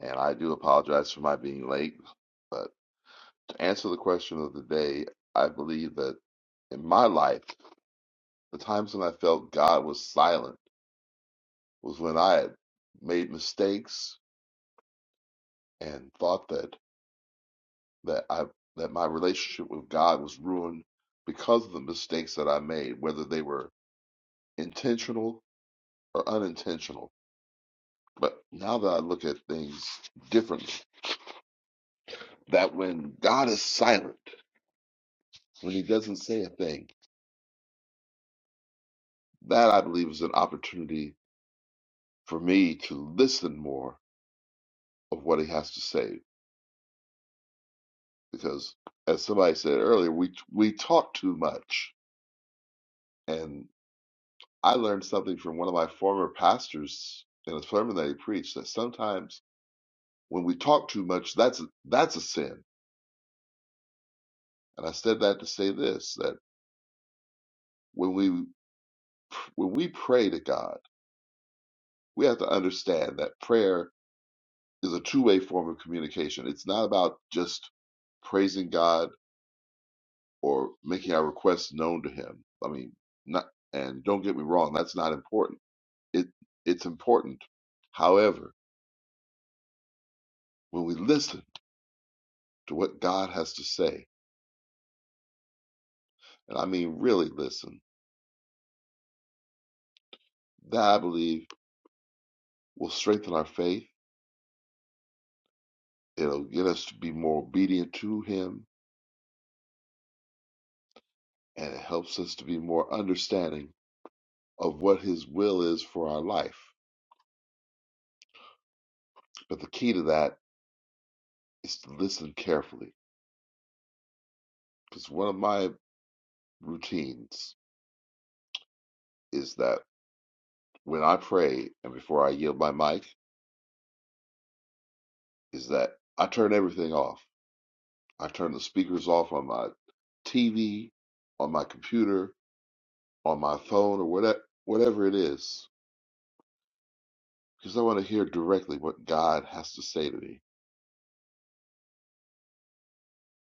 [SPEAKER 9] and I do apologize for my being late. But to answer the question of the day, I believe that in my life, the times when I felt God was silent was when I had made mistakes and thought that that I that my relationship with God was ruined because of the mistakes that I made, whether they were intentional or unintentional. But now that I look at things differently, that when God is silent when he doesn't say a thing. That I believe is an opportunity for me to listen more of what he has to say because as somebody said earlier, we we talk too much. And I learned something from one of my former pastors in a sermon that he preached that sometimes when we talk too much, that's that's a sin. And I said that to say this that when we when we pray to God, we have to understand that prayer is a two way form of communication. It's not about just praising God or making our requests known to Him. I mean, not and don't get me wrong, that's not important. It it's important. However, when we listen to what God has to say, and I mean really listen, that I believe will strengthen our faith. It'll get us to be more obedient to Him, and it helps us to be more understanding of what His will is for our life. But the key to that is to listen carefully because one of my routines is that when I pray and before I yield my mic, is that I turn everything off. I turn the speakers off on my TV, on my computer, on my phone, or whatever whatever it is, because I want to hear directly what God has to say to me.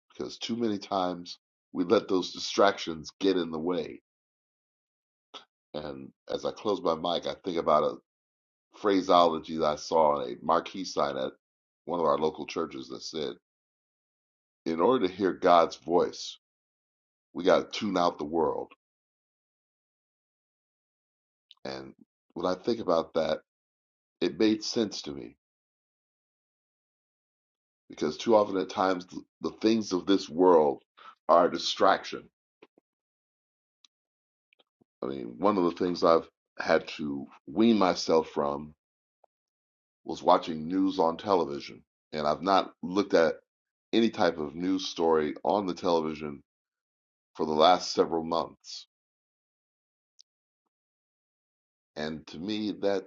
[SPEAKER 9] Because too many times we let those distractions get in the way. And as I close my mic, I think about a phraseology that I saw on a marquee sign at one of our local churches that said. in order to hear God's voice, we got to tune out the world. And when I think about that, it made sense to me because too often at times the things of this world are a distraction. I mean, one of the things I've had to wean myself from was watching news on television. And I've not looked at any type of news story on the television for the last several months. And to me, that,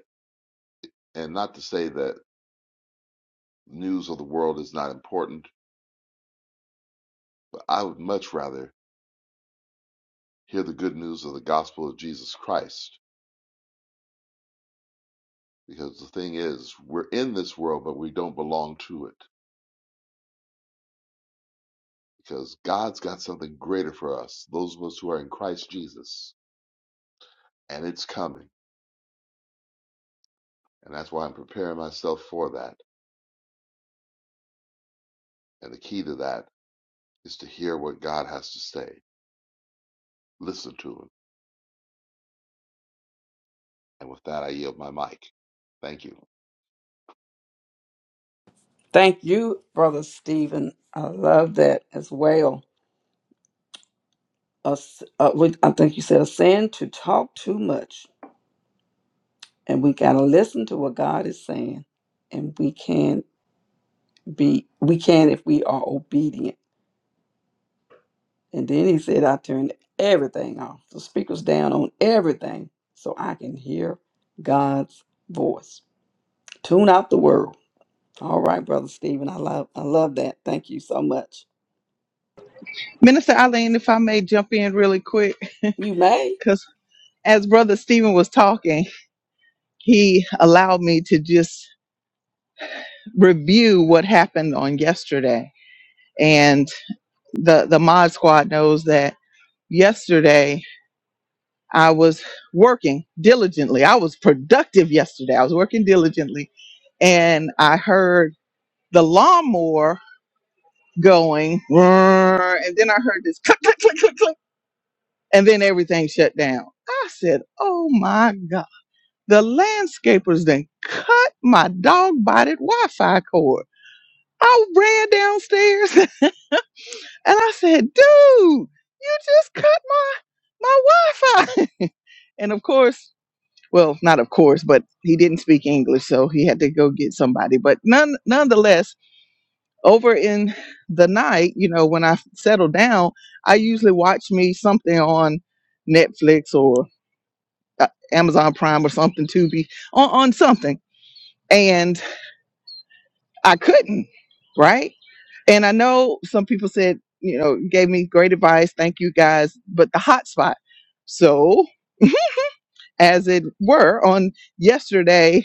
[SPEAKER 9] and not to say that news of the world is not important I would much rather hear the good news of the gospel of Jesus Christ because the thing is, we're in this world, but we don't belong to it because God's got something greater for us, those of us who are in Christ Jesus, and it's coming. And that's why I'm preparing myself for that. And the key to that is to hear what God has to say, listen to Him. And with that, I yield my mic. Thank you.
[SPEAKER 1] Thank you, Brother Stephen. I love that as well a s- uh, we- I think you said a sin to talk too much, and we gotta listen to what God is saying, and we can be we can if we are obedient. And then he said, I turned everything off, the speakers down on everything, so I can hear God's voice. Tune out the world. All right, brother Stephen, I love I love that. Thank you so much.
[SPEAKER 4] Minister Eileen, if I may jump in really quick, [LAUGHS]
[SPEAKER 1] You may.
[SPEAKER 4] because as Brother Stephen was talking, he allowed me to just review what happened on yesterday. And the, the Mod Squad knows that yesterday I was working diligently. I was productive yesterday. I was working diligently. And I heard the lawnmower going, and then I heard this click, click, click, click, click, and then everything shut down. I said, "Oh my god!" The landscapers then cut my dog-bodied Wi-Fi cord. I ran downstairs [LAUGHS] and I said, "Dude, you just cut my my Wi-Fi!" [LAUGHS] and of course, well, not of course, but he didn't speak English, so he had to go get somebody. But none, nonetheless over in the night, you know, when I settle down, I usually watch me something on Netflix or uh, Amazon Prime or something Tubi on, on something. And I couldn't, right? And I know some people said, you know, gave me great advice. Thank you guys, but the hotspot. So, [LAUGHS] as it were, on yesterday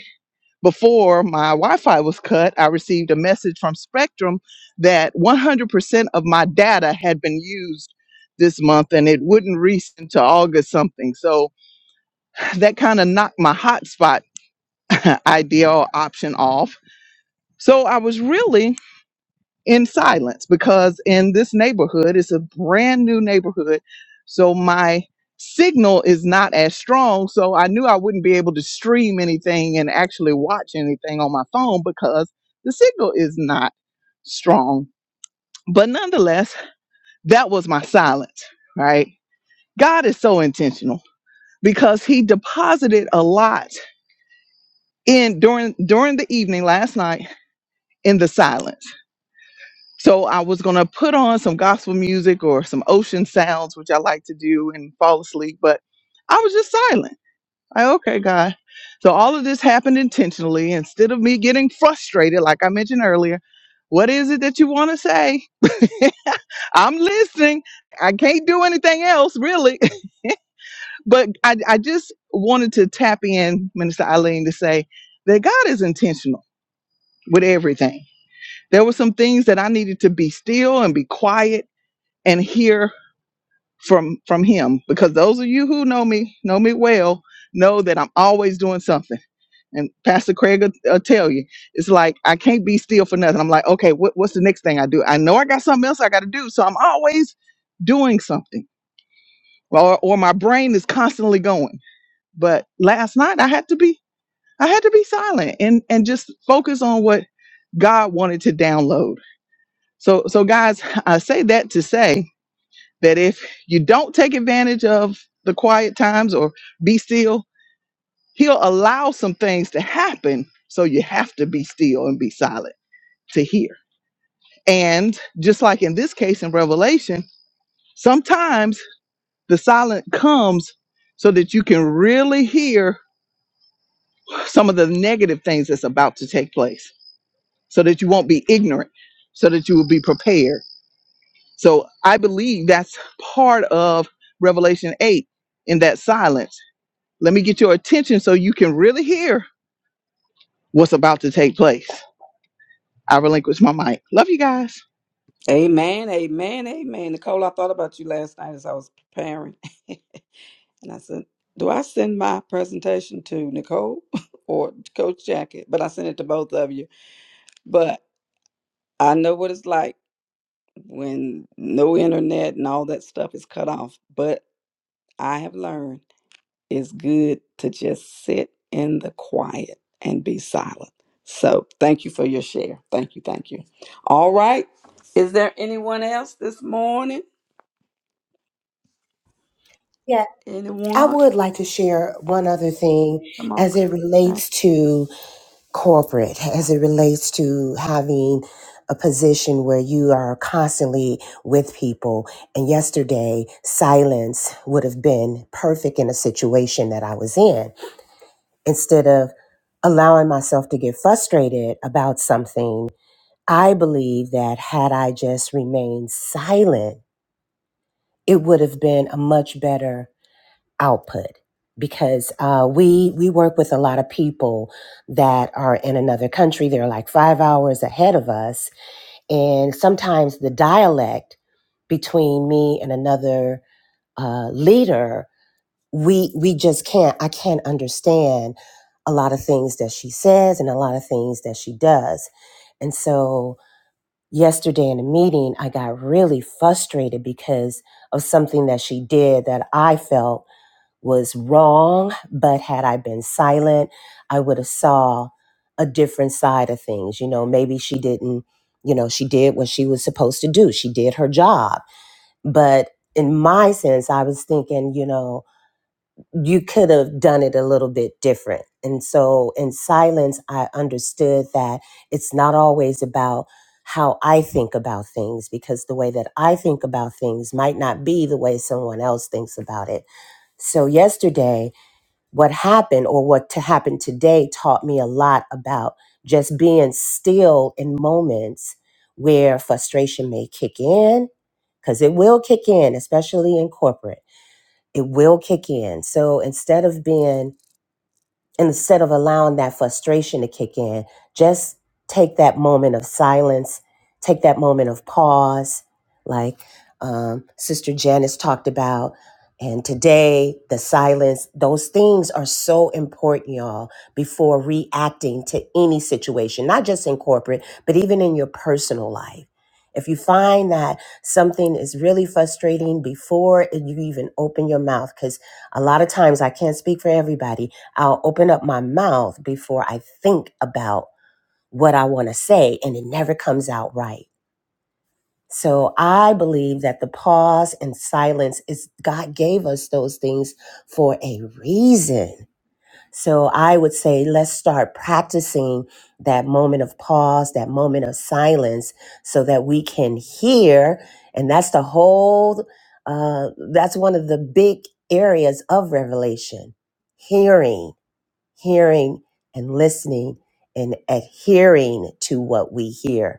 [SPEAKER 4] before my Wi-Fi was cut, I received a message from Spectrum that 100% of my data had been used this month and it wouldn't reach into August something. So that kind of knocked my hotspot [LAUGHS] idea or option off. So I was really in silence because in this neighborhood it's a brand new neighborhood so my signal is not as strong so i knew i wouldn't be able to stream anything and actually watch anything on my phone because the signal is not strong but nonetheless that was my silence right god is so intentional because he deposited a lot in during during the evening last night in the silence So I was going to put on some gospel music or some ocean sounds, which I like to do and fall asleep, but I was just silent. Like, okay, God. So all of this happened intentionally. Instead of me getting frustrated, like I mentioned earlier, what is it that you want to say? [LAUGHS] I'm listening. I can't do anything else, really. [LAUGHS] But I, I just wanted to tap in, Minister Eileen, to say that God is intentional with everything. There were some things that I needed to be still and be quiet and hear from from him because those of you who know me know me well know that i'm always doing something and pastor craig will, will tell you it's like i can't be still for nothing i'm like okay what, what's the next thing i do i know i got something else i got to do so i'm always doing something or, or my brain is constantly going but last night i had to be i had to be silent and and just focus on what god wanted to download so so guys i say that to say that if you don't take advantage of the quiet times or be still, he'll allow some things to happen. So you have to be still and be silent to hear. And just like in this case in Revelation, sometimes the silent comes so that you can really hear some of the negative things that's about to take place, so that you won't be ignorant, so that you will be prepared. So I believe that's part of Revelation 8 in that silence Let me get your attention so you can really hear what's about to take place. I relinquish my mic. Love you guys.
[SPEAKER 1] Amen, amen, amen. Nicole, I thought about you last night as I was preparing. [LAUGHS] And I said, Do I send my presentation to Nicole [LAUGHS] or Coach Jacket? But I sent it to both of you. But I know what it's like when no internet and all that stuff is cut off. But I have learned. it's good to just sit in the quiet and be silent. So thank you for your share. Thank you. Thank you. All right. Is there anyone else this morning?
[SPEAKER 2] Yeah, I
[SPEAKER 1] Anyone?
[SPEAKER 2] would like to share one other thing
[SPEAKER 1] Come on.
[SPEAKER 2] as it
[SPEAKER 1] Coach
[SPEAKER 2] relates to corporate as it relates to having a position where you are constantly with people. And yesterday, silence would have been perfect in a situation that I was in. Instead of allowing myself to get frustrated about something, I believe that had I just remained silent, it would have been a much better output because uh, we we work with a lot of people that are in another country. They're like five hours ahead of us, and sometimes the dialect between me and another uh, leader, we we just can't. I can't understand a lot of things that she says and a lot of things that she does, and so. Yesterday in a meeting, I got really frustrated because of something that she did that I felt was wrong but had i been silent i would have saw a different side of things you know maybe she didn't you know she did what she was supposed to do she did her job but in my sense i was thinking you know you could have done it a little bit different and so in silence i understood that it's not always about how i think about things because the way that i think about things might not be the way someone else thinks about it so yesterday what happened or what to happen today taught me a lot about just being still in moments where frustration may kick in because it will kick in especially in corporate it will kick in so instead of being and instead of allowing that frustration to kick in, just take that moment of silence, take that moment of pause, like um, Sister Janice talked about. And today, the silence, those things are so important, y'all, before reacting to any situation, not just in corporate, but even in your personal life. If you find that something is really frustrating before you even open your mouth, because a lot of times I can't speak for everybody, I'll open up my mouth before I think about what I want to say, and it never comes out right. So I believe that the pause and silence is God gave us those things for a reason. So I would say let's start practicing that moment of pause, that moment of silence, so that we can hear. And that's the whole, uh, that's one of the big areas of revelation hearing hearing and listening and adhering to what we hear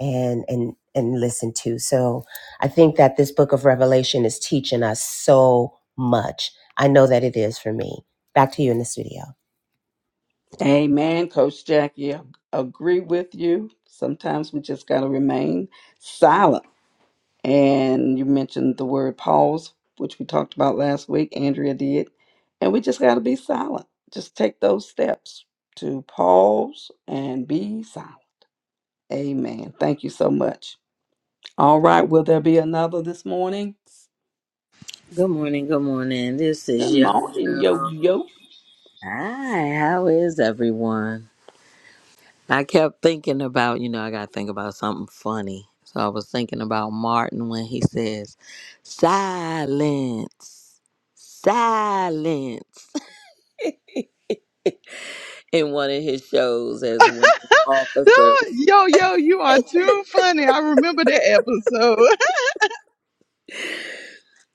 [SPEAKER 2] and and and listen to. So I think that this book of Revelation is teaching us so much. I know that it is for me. Back to you in the studio.
[SPEAKER 1] Jackie. Amen. Coach Jackie, I agree with you. Sometimes we just got to remain silent. And you mentioned the word pause, which we talked about last week. Andrea did. And we just got to be silent. Just take those steps to pause and be silent. Amen. Thank you so much. All right. Will there be another this morning?
[SPEAKER 6] Good morning. Good morning. This
[SPEAKER 1] Good
[SPEAKER 6] is Yo
[SPEAKER 1] morning, yo
[SPEAKER 6] Yo.
[SPEAKER 1] yo.
[SPEAKER 6] Hi. How is everyone? I kept thinking about, you know, I got to think about something funny. So I was thinking about Martin when he says, silence, silence. in one of his shows as one of the
[SPEAKER 4] [LAUGHS]
[SPEAKER 6] officers.
[SPEAKER 4] Yo, yo, you are too funny. I remember that episode.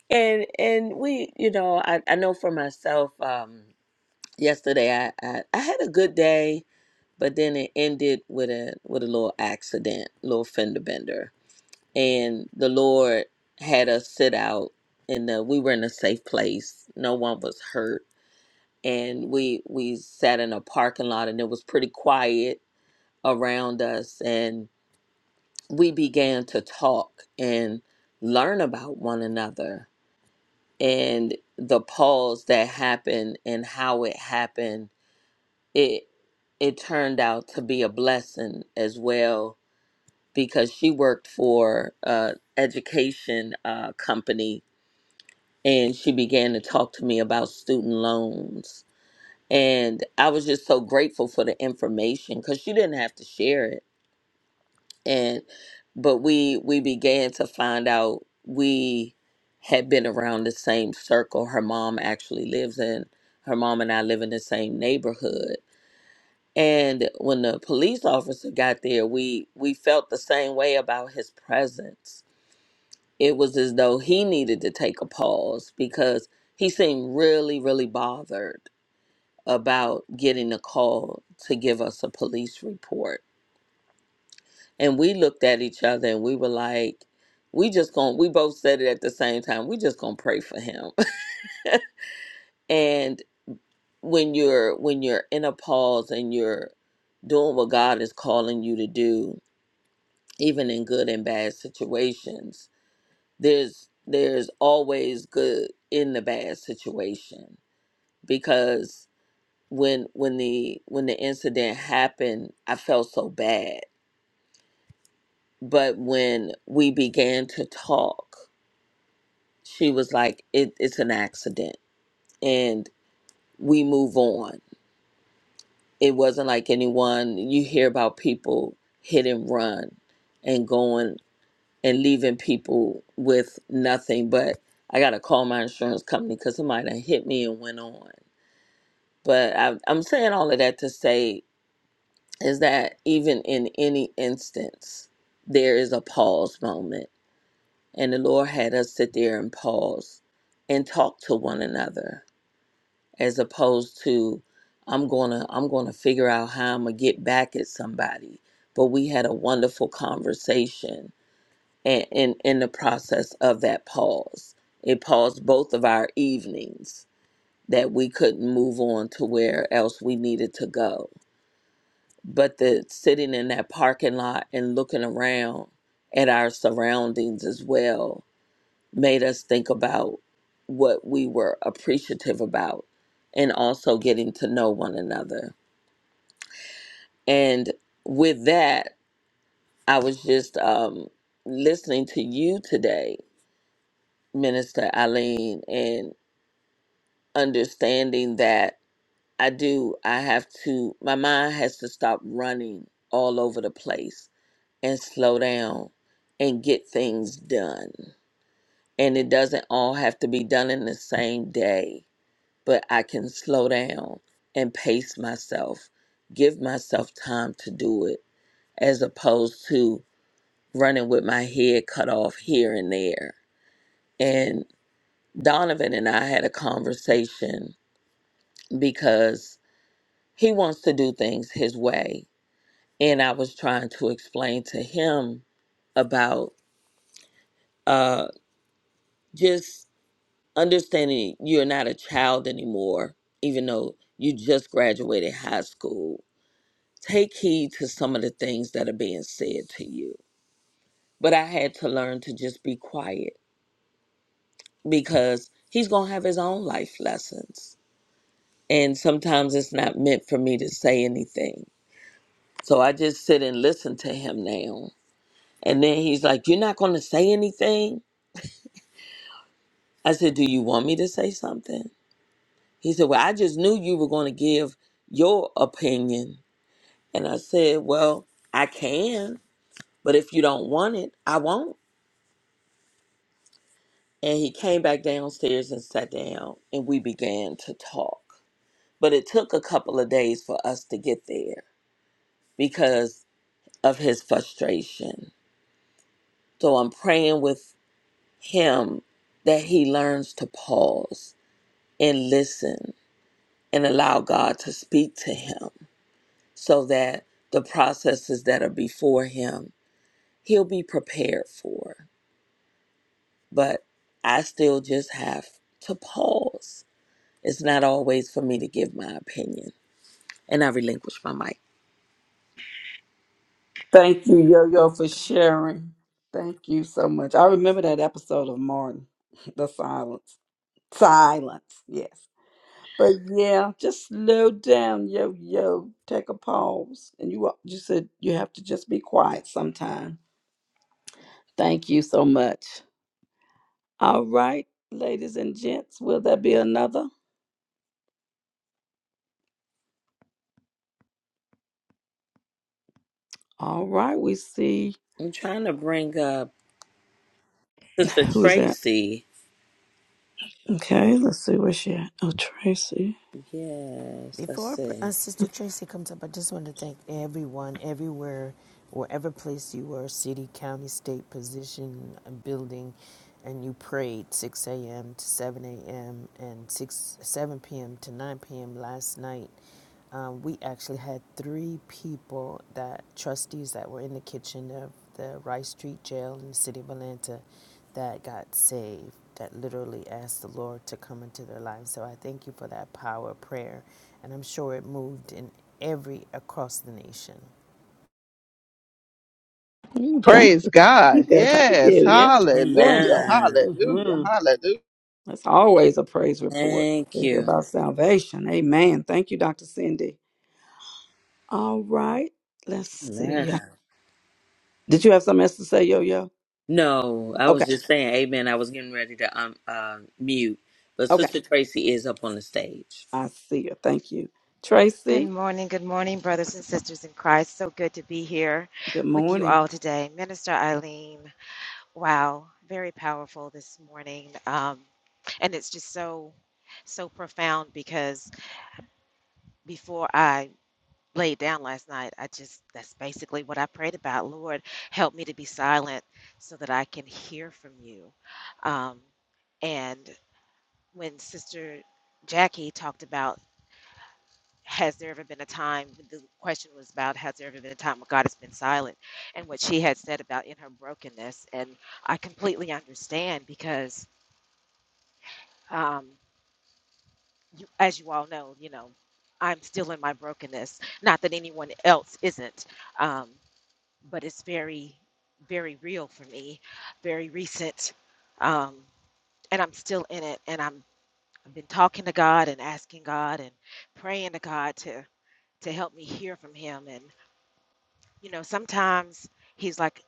[SPEAKER 6] And and we, you know, I, I know for myself, um, yesterday I, I, I had a good day, but then it ended with a with a little accident, little fender bender. And the Lord had us sit out in the we were in a safe place. No one was hurt. And we we sat in a parking lot and it was pretty quiet around us we began to talk and learn about one another and the pause that happened and how it happened it it turned out to be a blessing as well because she worked for a education uh, company and she began to talk to me about student loans and i was just so grateful for the information because she didn't have to share it and but we we began to find out we had been around the same circle her mom actually lives in her mom and i live in the same neighborhood and when the police officer got there we we felt the same way about his presence it was as though he needed to take a pause because he seemed really really bothered about getting a call to give us a police report And we looked at each other and we were like, we just gonna we both said it at the same time, we just gonna pray for him. [LAUGHS] and when you're when you're in a pause and you're doing what God is calling you to do, even in good and bad situations, there's there's always good in the bad situation because when when the when the incident happened, I felt so bad. But when we began to talk she was like it, it's an accident and we move on it wasn't like anyone you hear about people hit and run and going and leaving people with nothing but i gotta call my insurance company because somebody done hit me and went on but I, i'm saying all of that to say is that even in any instance there is a pause moment and the lord had us sit there and pause and talk to one another as opposed to I'm gonna I'm gonna figure out how I'm gonna get back at somebody. But we had a wonderful conversation and in in the process of that pause. It paused both of our evenings that we couldn't move on to where else we needed to go. But the sitting in that parking lot and looking around at our surroundings as well made us think about what we were appreciative about and also getting to know one another. And with that, I was just um, listening to you today, Minister Eileen, and understanding that I do, I have to, my mind has to stop running all over the place and slow down and get things done. And it doesn't all have to be done in the same day but I can slow down and pace myself, give myself time to do it, as opposed to running with my head cut off here and there. And Donovan and I had a conversation because he wants to do things his way. And I was trying to explain to him about uh, just understanding you're not a child anymore, even though you just graduated high school Take heed to some of the things that are being said to you. But I had to learn to just be quiet because he's going to have his own life lessons. And sometimes it's not meant for me to say anything. So I just sit and listen to him now. And then he's like, You're not going to say anything? I said, Do you want me to say something? He said, Well, I just knew you were going to give your opinion. And I said, Well, I can, but if you don't want it, I won't. And he came back downstairs and sat down, and we began to talk. But it took a couple of days for us to get there because of his frustration. So I'm praying with him that he learns to pause and listen and allow God to speak to him so that the processes that are before him, he'll be prepared for. But I still just have to pause. It's not always for me to give my opinion And I relinquish my mic.
[SPEAKER 1] Thank you, yo yo, for sharing. Thank you so much. I remember that episode of Martin, [LAUGHS] the silence. Silence, yes. But yeah, just slow down, yo yo. Take a pause, and you you said you have to just be quiet sometime. Thank you so much. All right, ladies and gents, will there be another? All right, we see
[SPEAKER 6] I'm trying to bring up Sister
[SPEAKER 1] who's that?
[SPEAKER 6] Tracy.
[SPEAKER 1] Okay, let's see where she at. Oh, Tracy.
[SPEAKER 6] Yes, let's
[SPEAKER 8] Before uh,
[SPEAKER 6] see.
[SPEAKER 8] Sister Tracy comes up, I just want to thank everyone, everywhere, wherever place you were city, county, state, position, uh, building and you prayed 6 a.m. to 7 a.m. and 6 7 p.m. to 9 p.m. last night. Um, we actually had three people that trustees that were in the kitchen of the Rice Street Jail in the city of Atlanta that got saved, that literally asked the Lord to come into their lives. So I thank you for that power of prayer. And I'm sure it moved in every across the nation.
[SPEAKER 4] [LAUGHS]
[SPEAKER 1] Mm, thank
[SPEAKER 4] Praise
[SPEAKER 1] you.
[SPEAKER 4] God.
[SPEAKER 1] Thank you. Thank
[SPEAKER 4] Yes.
[SPEAKER 1] you. Yeah, for
[SPEAKER 4] Hallelujah.
[SPEAKER 1] sharing that.
[SPEAKER 6] Amen.
[SPEAKER 4] Hallelujah.
[SPEAKER 1] hmm
[SPEAKER 4] Hallelujah.
[SPEAKER 1] That's always a praise report
[SPEAKER 6] Thank
[SPEAKER 1] to hear
[SPEAKER 6] you.
[SPEAKER 1] about salvation. Amen. Thank you, Dr. Cindy. All right, let's see.
[SPEAKER 6] Amen.
[SPEAKER 1] Did you have something else to say, Yo Yo?
[SPEAKER 6] No, I
[SPEAKER 1] Okay,
[SPEAKER 6] was just saying amen. I was getting ready to um uh, mute. But
[SPEAKER 1] okay.
[SPEAKER 6] Sister Tracy is up on the stage.
[SPEAKER 1] I see you. Thank you.
[SPEAKER 10] Good
[SPEAKER 1] Tracy,
[SPEAKER 10] morning, good morning, brothers and sisters in Christ. So good to be here
[SPEAKER 1] good
[SPEAKER 10] with you
[SPEAKER 1] morning.
[SPEAKER 10] all today. Minister Eileen, wow, very powerful this morning. Um, and it's just so, so profound because before I laid down last night, I just, that's basically what I prayed about. Lord, help me to be silent so that I can hear from you. Um, and when Sister Jackie talked about has there ever been a time the question was about has there ever been a time when god has been silent and what she had said about in her brokenness and i completely understand because um, you, as you all know you know i'm still in my brokenness not that anyone else isn't um, but it's very very real for me very recent um, and i'm still in it and i'm i've been talking to god and asking god and praying to god to to help me hear from him and. You know, sometimes he's like,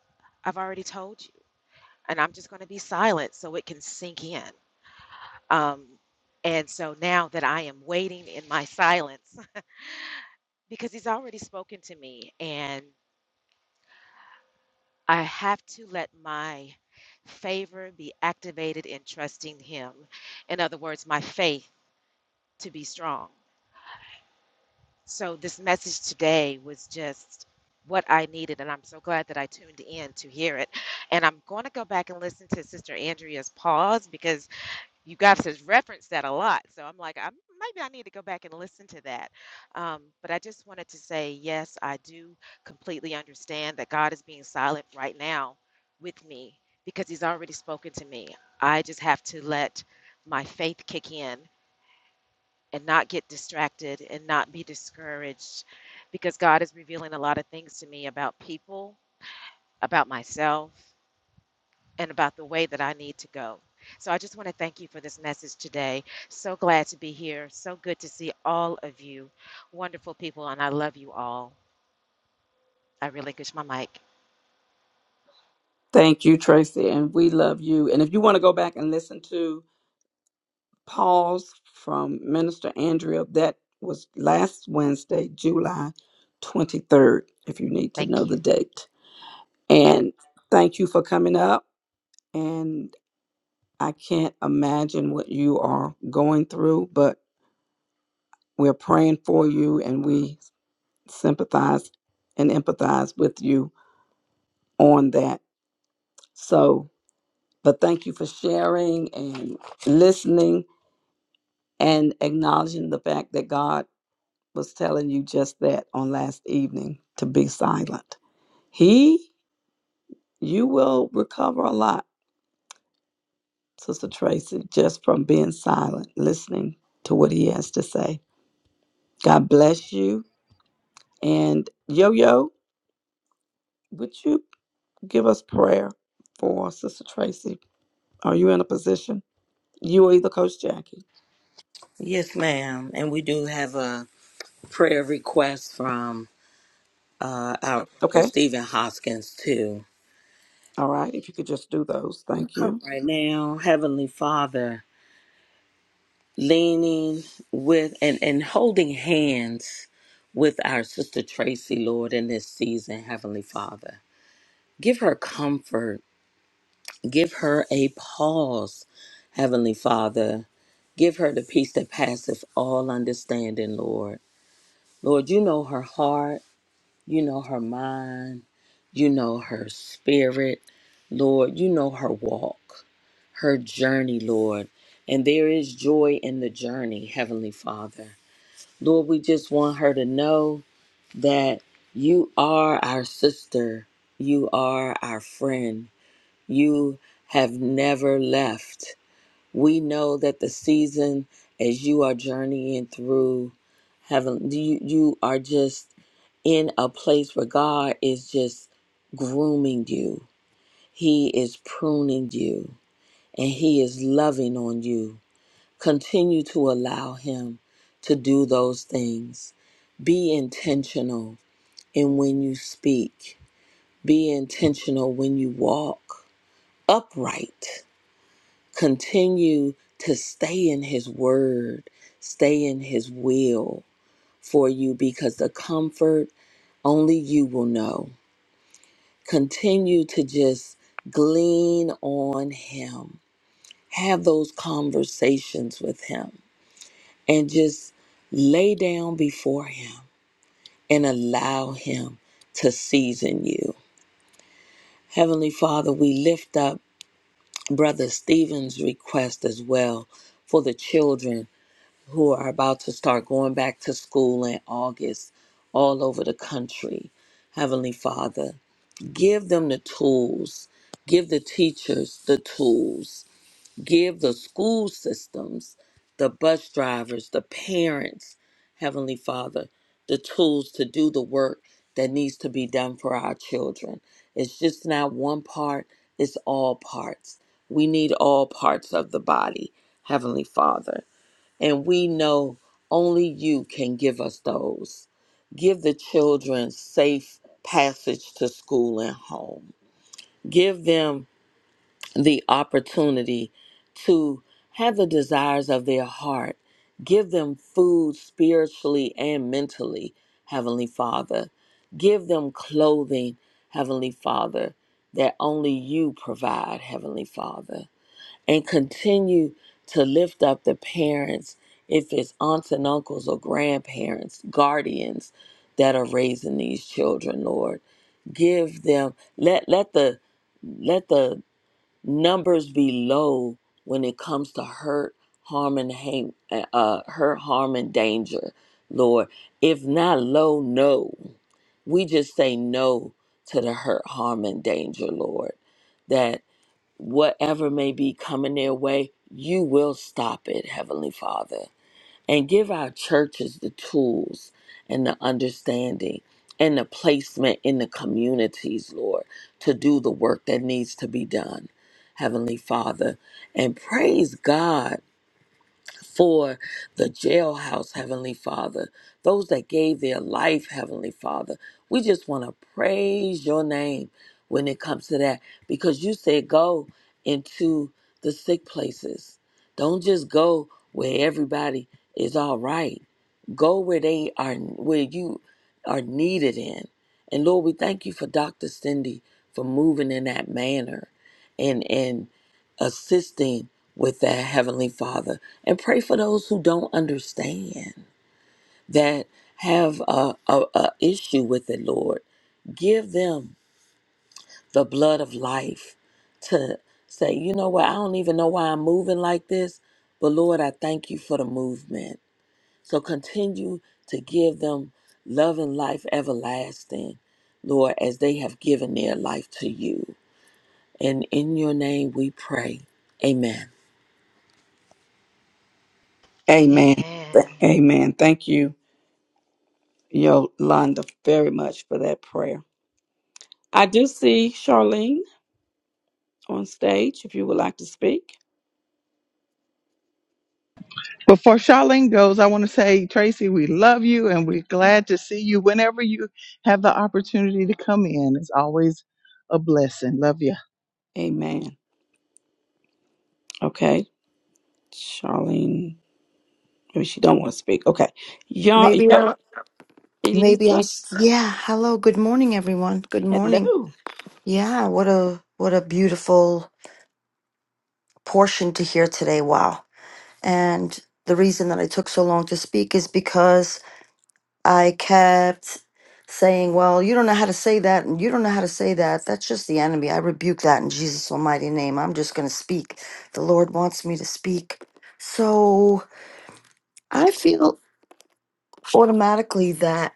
[SPEAKER 10] I've already told you, and I'm just going to be silent so it can sink in. Um, and so now that I am waiting in my silence, [LAUGHS] because he's already spoken to me, and I have to let my favor be activated in trusting him. In other words, my faith to be strong. So this message today was just what I needed, and I'm so glad that I tuned in to hear it. And I'm going to go back and listen to Sister Andrea's pause because you guys has referenced that a lot. So I'm like, I maybe I need to go back and listen to that. Um, but I just wanted to say, yes, I do completely understand that God is being silent right now with me because He's already spoken to me. I just have to let my faith kick in and not get distracted and not be discouraged because God is revealing a lot of things to me about people, about myself, and about the way that I need to go. So I just want to thank you for this message today. So glad to be here. So good to see all of you. Wonderful people, and I love you all. I relinquish my mic.
[SPEAKER 1] Thank you, Tracy. And we love you. And if you want to go back and listen to pause from Minister Andrea. That was last Wednesday, July 23rd, if you need to know
[SPEAKER 10] Thank
[SPEAKER 1] the
[SPEAKER 10] you.
[SPEAKER 1] date. And thank you for coming up. And I can't imagine what you are going through, but we're praying for you and we sympathize and empathize with you on that. So, but thank you for sharing and listening and acknowledging the fact that God was telling you just that on last evening to be silent. He, you will recover a lot, Sister Tracy, just from being silent, listening to what he has to say. God bless you. And Yo Yo, would you give us prayer for Sister Tracy? Are you in a position? You or either Coach Jackie.
[SPEAKER 6] Yes, ma'am. And we do have a prayer request from uh our brother
[SPEAKER 1] Okay.
[SPEAKER 6] Stephen Hoskins too.
[SPEAKER 1] All right. If you could just do those. Thank
[SPEAKER 6] Come
[SPEAKER 1] you.
[SPEAKER 6] right now, Heavenly Father. leaning with and, and holding hands with our sister Tracy, Lord, in this season, Heavenly Father. Give her comfort. Give her a pause, Heavenly Father. Give her the peace that passeth all understanding, Lord. Lord, you know her heart. You know her mind. You know her spirit. Lord, you know her walk, her journey, Lord. And there is joy in the journey, Heavenly Father. Lord, we just want her to know that you are our sister. You are our friend. You have never left. We know that the season as you are journeying through heaven, you, you are just in a place where God is just grooming you. He is pruning you and he is loving on you Continue to allow Him to do those things. Be intentional in when you speak, be intentional when you walk upright. Continue to stay in His Word, stay in His will for you because the comfort only you will know. Continue to just glean on Him, have those conversations with Him and just lay down before Him and allow Him to season you. Heavenly Father, we lift up Brother Stephen's request as well for the children who are about to start going back to school in August all over the country. Heavenly Father, give them the tools, give the teachers the tools give the school systems, the bus drivers, the parents, Heavenly Father, the tools to do the work that needs to be done for our children. It's just not one part, it's all parts. We need all parts of the body, Heavenly Father. And we know only you can give us those. Give the children safe passage to school and home. Give them the opportunity to have the desires of their heart. Give them food spiritually and mentally, Heavenly Father. Give them clothing, Heavenly Father, that only you provide, Heavenly Father. And continue to lift up the parents, if it's aunts and uncles or grandparents, guardians that are raising these children, Lord. Give them, let, let the let the numbers be low when it comes to hurt, harm, and hate, uh, hurt, harm, and danger, Lord. If not low, no. We just say no to the hurt, harm, and danger, Lord. That whatever may be coming their way, you will stop it, Heavenly Father and give our churches the tools and the understanding and the placement in the communities, Lord, to do the work that needs to be done, Heavenly Father. And praise God for the jailhouse, Heavenly Father, those that gave their life, Heavenly Father. We just want to praise your name when it comes to that because you said go into the sick places. Don't just go where everybody is all right. Go where they are, where you are needed in. And Lord, we thank you for Dr. Cindy for moving in that manner and, and assisting with that, Heavenly Father and pray for those who don't understand that have a, a, a issue with it lord give them the blood of life to say you know what i don't even know why i'm moving like this but lord i thank you for the movement so continue to give them love and life everlasting lord as they have given their life to you and in your name we pray amen
[SPEAKER 1] Amen.
[SPEAKER 10] Amen.
[SPEAKER 1] Amen. Thank you, Yolanda, very much for that prayer. I do see Charlene on stage if you would like to speak.
[SPEAKER 4] Before Charlene goes, I want to say, Tracy, we love you and we're
[SPEAKER 1] Mhm.
[SPEAKER 4] glad to see you whenever you have the opportunity to come in. It's always a blessing. Love you.
[SPEAKER 1] Amen. Okay. Charlene, maybe she don't want to speak. Okay. Y'all,
[SPEAKER 11] Maybe
[SPEAKER 1] yo,
[SPEAKER 11] I'll, maybe i
[SPEAKER 1] Elisa,
[SPEAKER 11] yeah. Hello. Good morning, everyone. Good morning.
[SPEAKER 1] hello.
[SPEAKER 11] Yeah. What a, what a beautiful portion to hear today. Wow. And the reason that I took so long to speak is because I kept saying, well, you don't know how to say that. And you don't know how to say that. That's just the enemy. I rebuke that in Jesus' almighty name. I'm just going to speak. The Lord wants me to speak. So I feel automatically that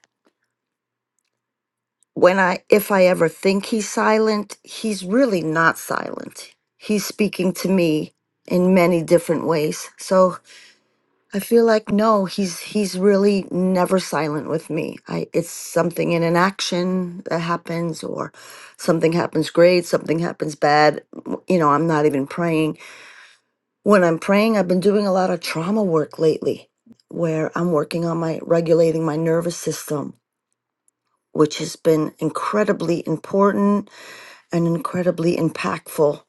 [SPEAKER 11] when I if I ever think he's silent, he's really not silent. He's speaking to me in many different ways. So I feel like no, he's he's really never silent with me. I it's something in an action that happens or something happens great, something happens bad. w- You know, I'm not even praying. When I'm praying, I've been doing a lot of trauma work lately where I'm working on my regulating my nervous system, which has been incredibly important and incredibly impactful.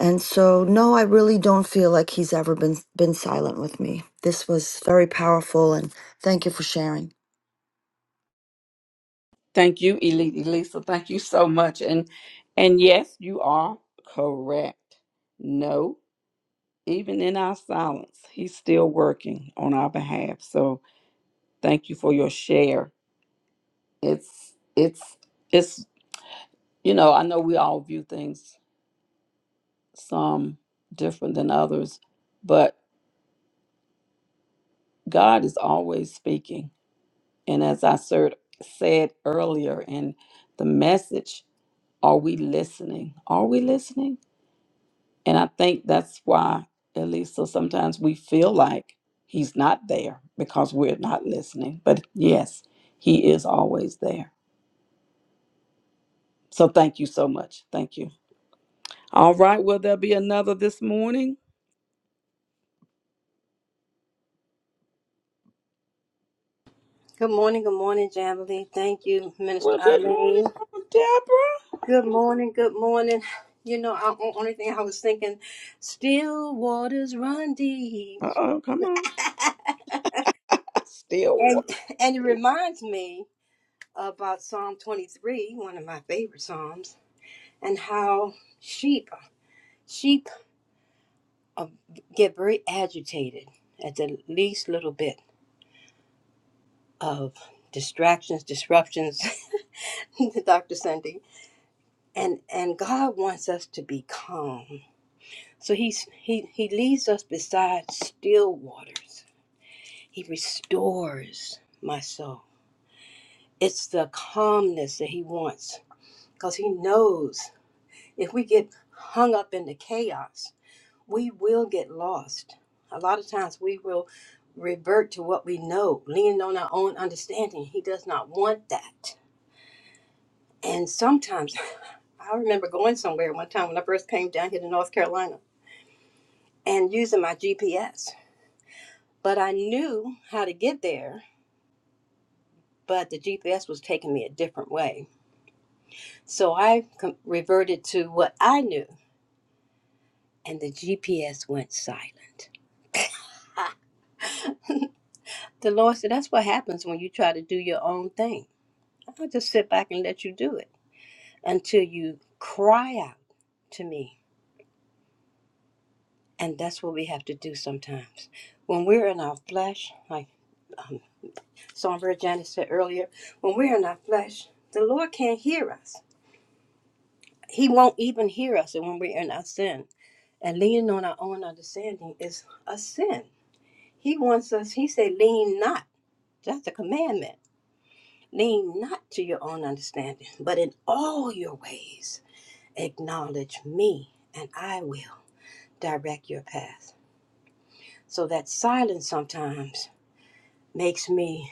[SPEAKER 11] And so, no, I really don't feel like he's ever been been silent with me. This was very powerful, and thank you for sharing.
[SPEAKER 1] Thank you, Eli- Elisa. Thank you so much. And and yes, you are correct. No, even in our silence, he's still working on our behalf. So thank you for your share. It's it's it's you know, I know we all view things some different than others, but God is always speaking. And as I said, said earlier in the message, are we listening? Are we listening? And I think that's why, at least, so sometimes we feel like He's not there because we're not listening. But yes, He is always there. So thank you so much. Thank you. All right. Will there be another this morning?
[SPEAKER 12] Good morning, good morning, Jamily. Thank you, Minister
[SPEAKER 1] Well, good morning,
[SPEAKER 12] Eileen.
[SPEAKER 1] Deborah.
[SPEAKER 12] Good morning, good morning. You know, I, o- only thing I was thinking, still waters run deep,
[SPEAKER 1] Uh oh, come on. I still
[SPEAKER 12] and
[SPEAKER 1] want
[SPEAKER 12] and it
[SPEAKER 1] it.
[SPEAKER 12] reminds me about Psalm twenty three, one of my favorite psalms, and how sheep sheep uh, get very agitated at the least little bit of distractions, disruptions. [LAUGHS] Dr. Sunday, and and God wants us to be calm So he's, he, he leads us beside still waters. He restores my soul. It's the calmness that he wants because he knows if we get hung up in the chaos, we will get lost. A lot of times we will revert to what we know, leaning on our own understanding. He does not want that. And sometimes [SIGHS] [LAUGHS] I remember going somewhere one time when I first came down here to North Carolina and using my GPS. but I knew how to get there, but the GPS was taking me a different way. So I com- reverted to what I knew, and the GPS went silent. [LAUGHS] Ha! The Lord said, That's what happens when you try to do your own thing. I'll just sit back and let you do it until you cry out to me. And that's what we have to do sometimes. When we're in our flesh, like um, Songbird Janice said earlier, when we're in our flesh, the Lord can't hear us He won't even hear us when we're in our sin. And leaning on our own understanding is a sin. He wants us, he said, lean not. That's a commandment. Lean not to your own understanding, but in all your ways acknowledge me, and I will direct your path. So that silence sometimes makes me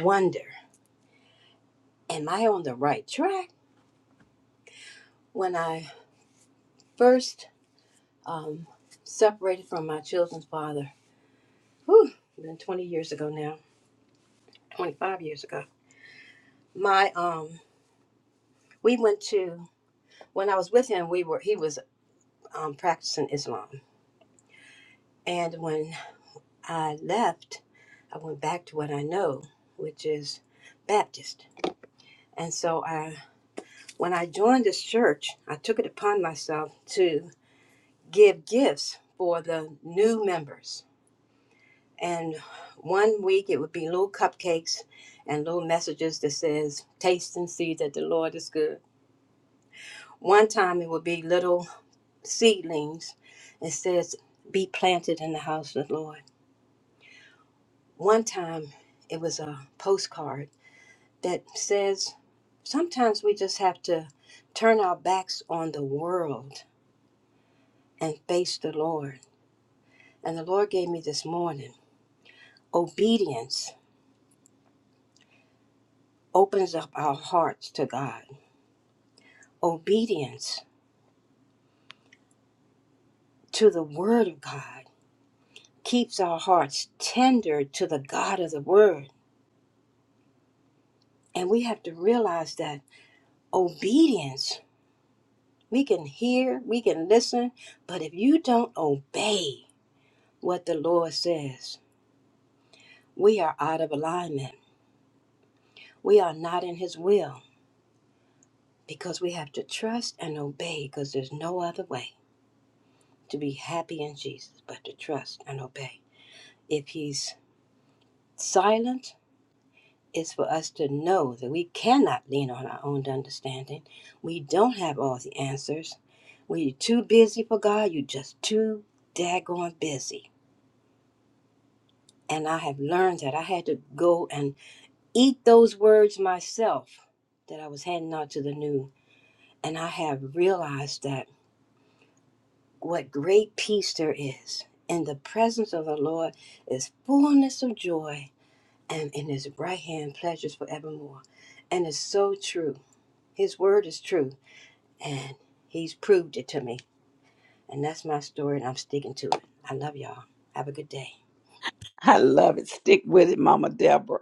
[SPEAKER 12] wonder am I on the right track? When I first um, separated from my children's father, whew, been 20 years ago now 25 years ago. My um we went to when I was with him we were he was um practicing Islam. And when I left, I went back to what I know, which is Baptist. And so I when I joined this church, I took it upon myself to give gifts for the new members. And one week it would be little cupcakes and little messages that says taste and see that the Lord is good. One time it would be little seedlings. It says, be planted in the house of the Lord. One time it was a postcard that says, sometimes we just have to turn our backs on the world and face the Lord. And the Lord gave me this morning obedience opens up our hearts to God, obedience to the Word of God keeps our hearts tender to the God of the Word. And we have to realize that obedience We can hear, we can listen, but if you don't obey what the Lord says, we are out of alignment. We are not in His will because we have to trust and obey because there's no other way to be happy in Jesus but to trust and obey. If He's silent, it's for us to know that we cannot lean on our own understanding. We don't have all the answers. When you're too busy for God, you're just too daggone busy And I have learned that I had to go and eat those words myself that I was handing out to the new. And I have realized that what great peace there is in the presence of the Lord is fullness of joy, and in his right hand pleasures forevermore. And it's so true. His word is true, and he's proved it to me. And that's my story, and I'm sticking to it. I love y'all. Have a good day.
[SPEAKER 1] I love it. Stick with it, Mama Deborah.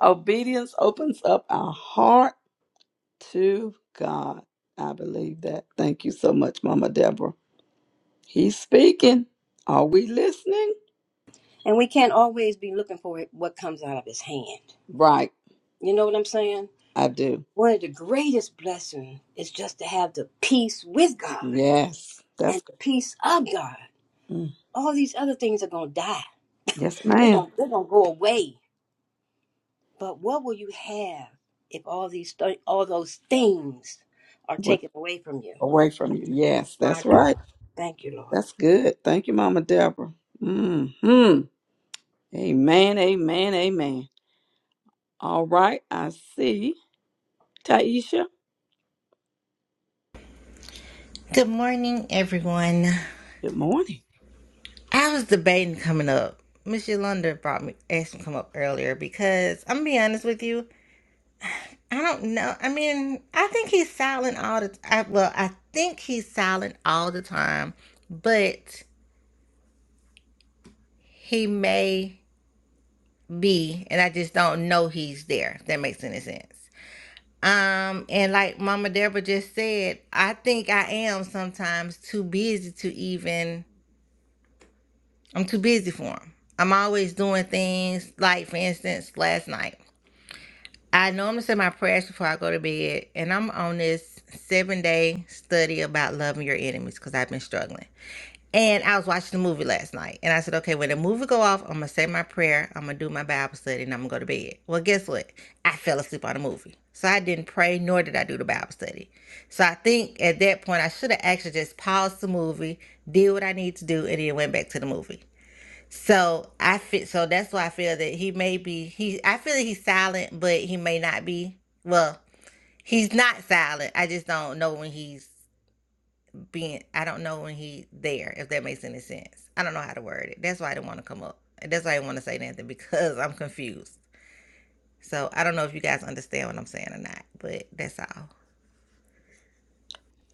[SPEAKER 1] Obedience opens up our heart to God. I believe that. Thank you so much, Mama Deborah. He's speaking. Are we listening?
[SPEAKER 12] And we can't always be looking for it, what comes out of his hand.
[SPEAKER 1] Right,
[SPEAKER 12] You know what I'm saying?
[SPEAKER 1] I do.
[SPEAKER 12] One of the greatest blessings is just to have the peace with God
[SPEAKER 1] Yes,
[SPEAKER 12] and
[SPEAKER 1] that's
[SPEAKER 12] the peace of God.
[SPEAKER 1] mm,
[SPEAKER 12] All these other things are going to die.
[SPEAKER 1] yes,
[SPEAKER 12] They're
[SPEAKER 1] ma'am.
[SPEAKER 12] going they're going to go away. But what will you have if all these th- all those things are
[SPEAKER 1] With,
[SPEAKER 12] taken away from you?
[SPEAKER 1] away from you. Yes,
[SPEAKER 12] My
[SPEAKER 1] that's right.
[SPEAKER 12] God. Thank you, Lord.
[SPEAKER 1] That's good. Thank you, Mama Deborah. Hmm. Amen. Amen. Amen. All right. I see Taisha.
[SPEAKER 13] Good morning, everyone.
[SPEAKER 1] Good morning.
[SPEAKER 13] I was debating coming up. Miss Yolanda brought me asked me to come up earlier because I'm gonna be honest with you. I don't know. I mean, I think he's silent all the time. Well, I think he's silent all the time, but he may be, and I just don't know he's there. If that makes any sense. Um, and like Mama Deborah just said, I think I am sometimes too busy to even I'm too busy for them. I'm always doing things like, for instance, last night. I normally say my prayers before I go to bed, and I'm on this seven day study about loving your enemies because I've been struggling. And I was watching the movie last night, and I said, okay, when the movie go off, I'm gonna say my prayer, I'm gonna do my Bible study, and I'm gonna go to bed. Well, guess what? I fell asleep on the movie, so I didn't pray nor did I do the Bible study. So I think at that point I should have actually just paused the movie, did what I need to do, and then went back to the movie. So I feel so that's why I feel that he may be he I feel that he's silent, but he may not be. Well, he's not silent. I just don't know when he's being I don't know when he's there, if that makes any sense. I don't know how to word it. That's why I didn't want to come up. That's why I didn't want to say nothing because I'm confused. So I don't know if you guys understand what I'm saying or not, but that's all.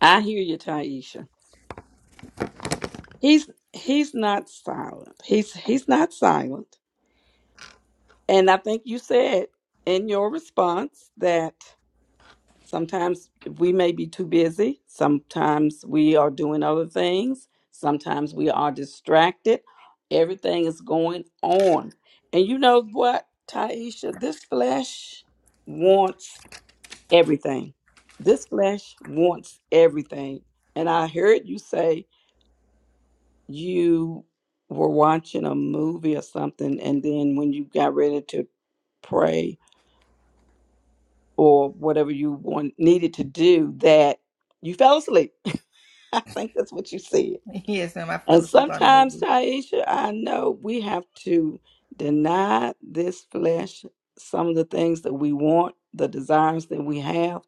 [SPEAKER 1] I hear you, Taisha. He's he's not silent. He's he's not silent. And I think you said in your response that. Sometimes we may be too busy. Sometimes we are doing other things. Sometimes we are distracted. Everything is going on. And you know what, Taisha? This flesh wants everything. This flesh wants everything. And I heard you say you were watching a movie or something, and then when you got ready to pray or whatever you want, needed to do, that you fell asleep [LAUGHS] I think that's what you said.
[SPEAKER 13] [LAUGHS] Yes, ma'am. I fell
[SPEAKER 1] And
[SPEAKER 13] asleep on the
[SPEAKER 1] sometimes,
[SPEAKER 13] movie.
[SPEAKER 1] Taisha, I know we have to deny this flesh some of the things that we want, the desires that we have,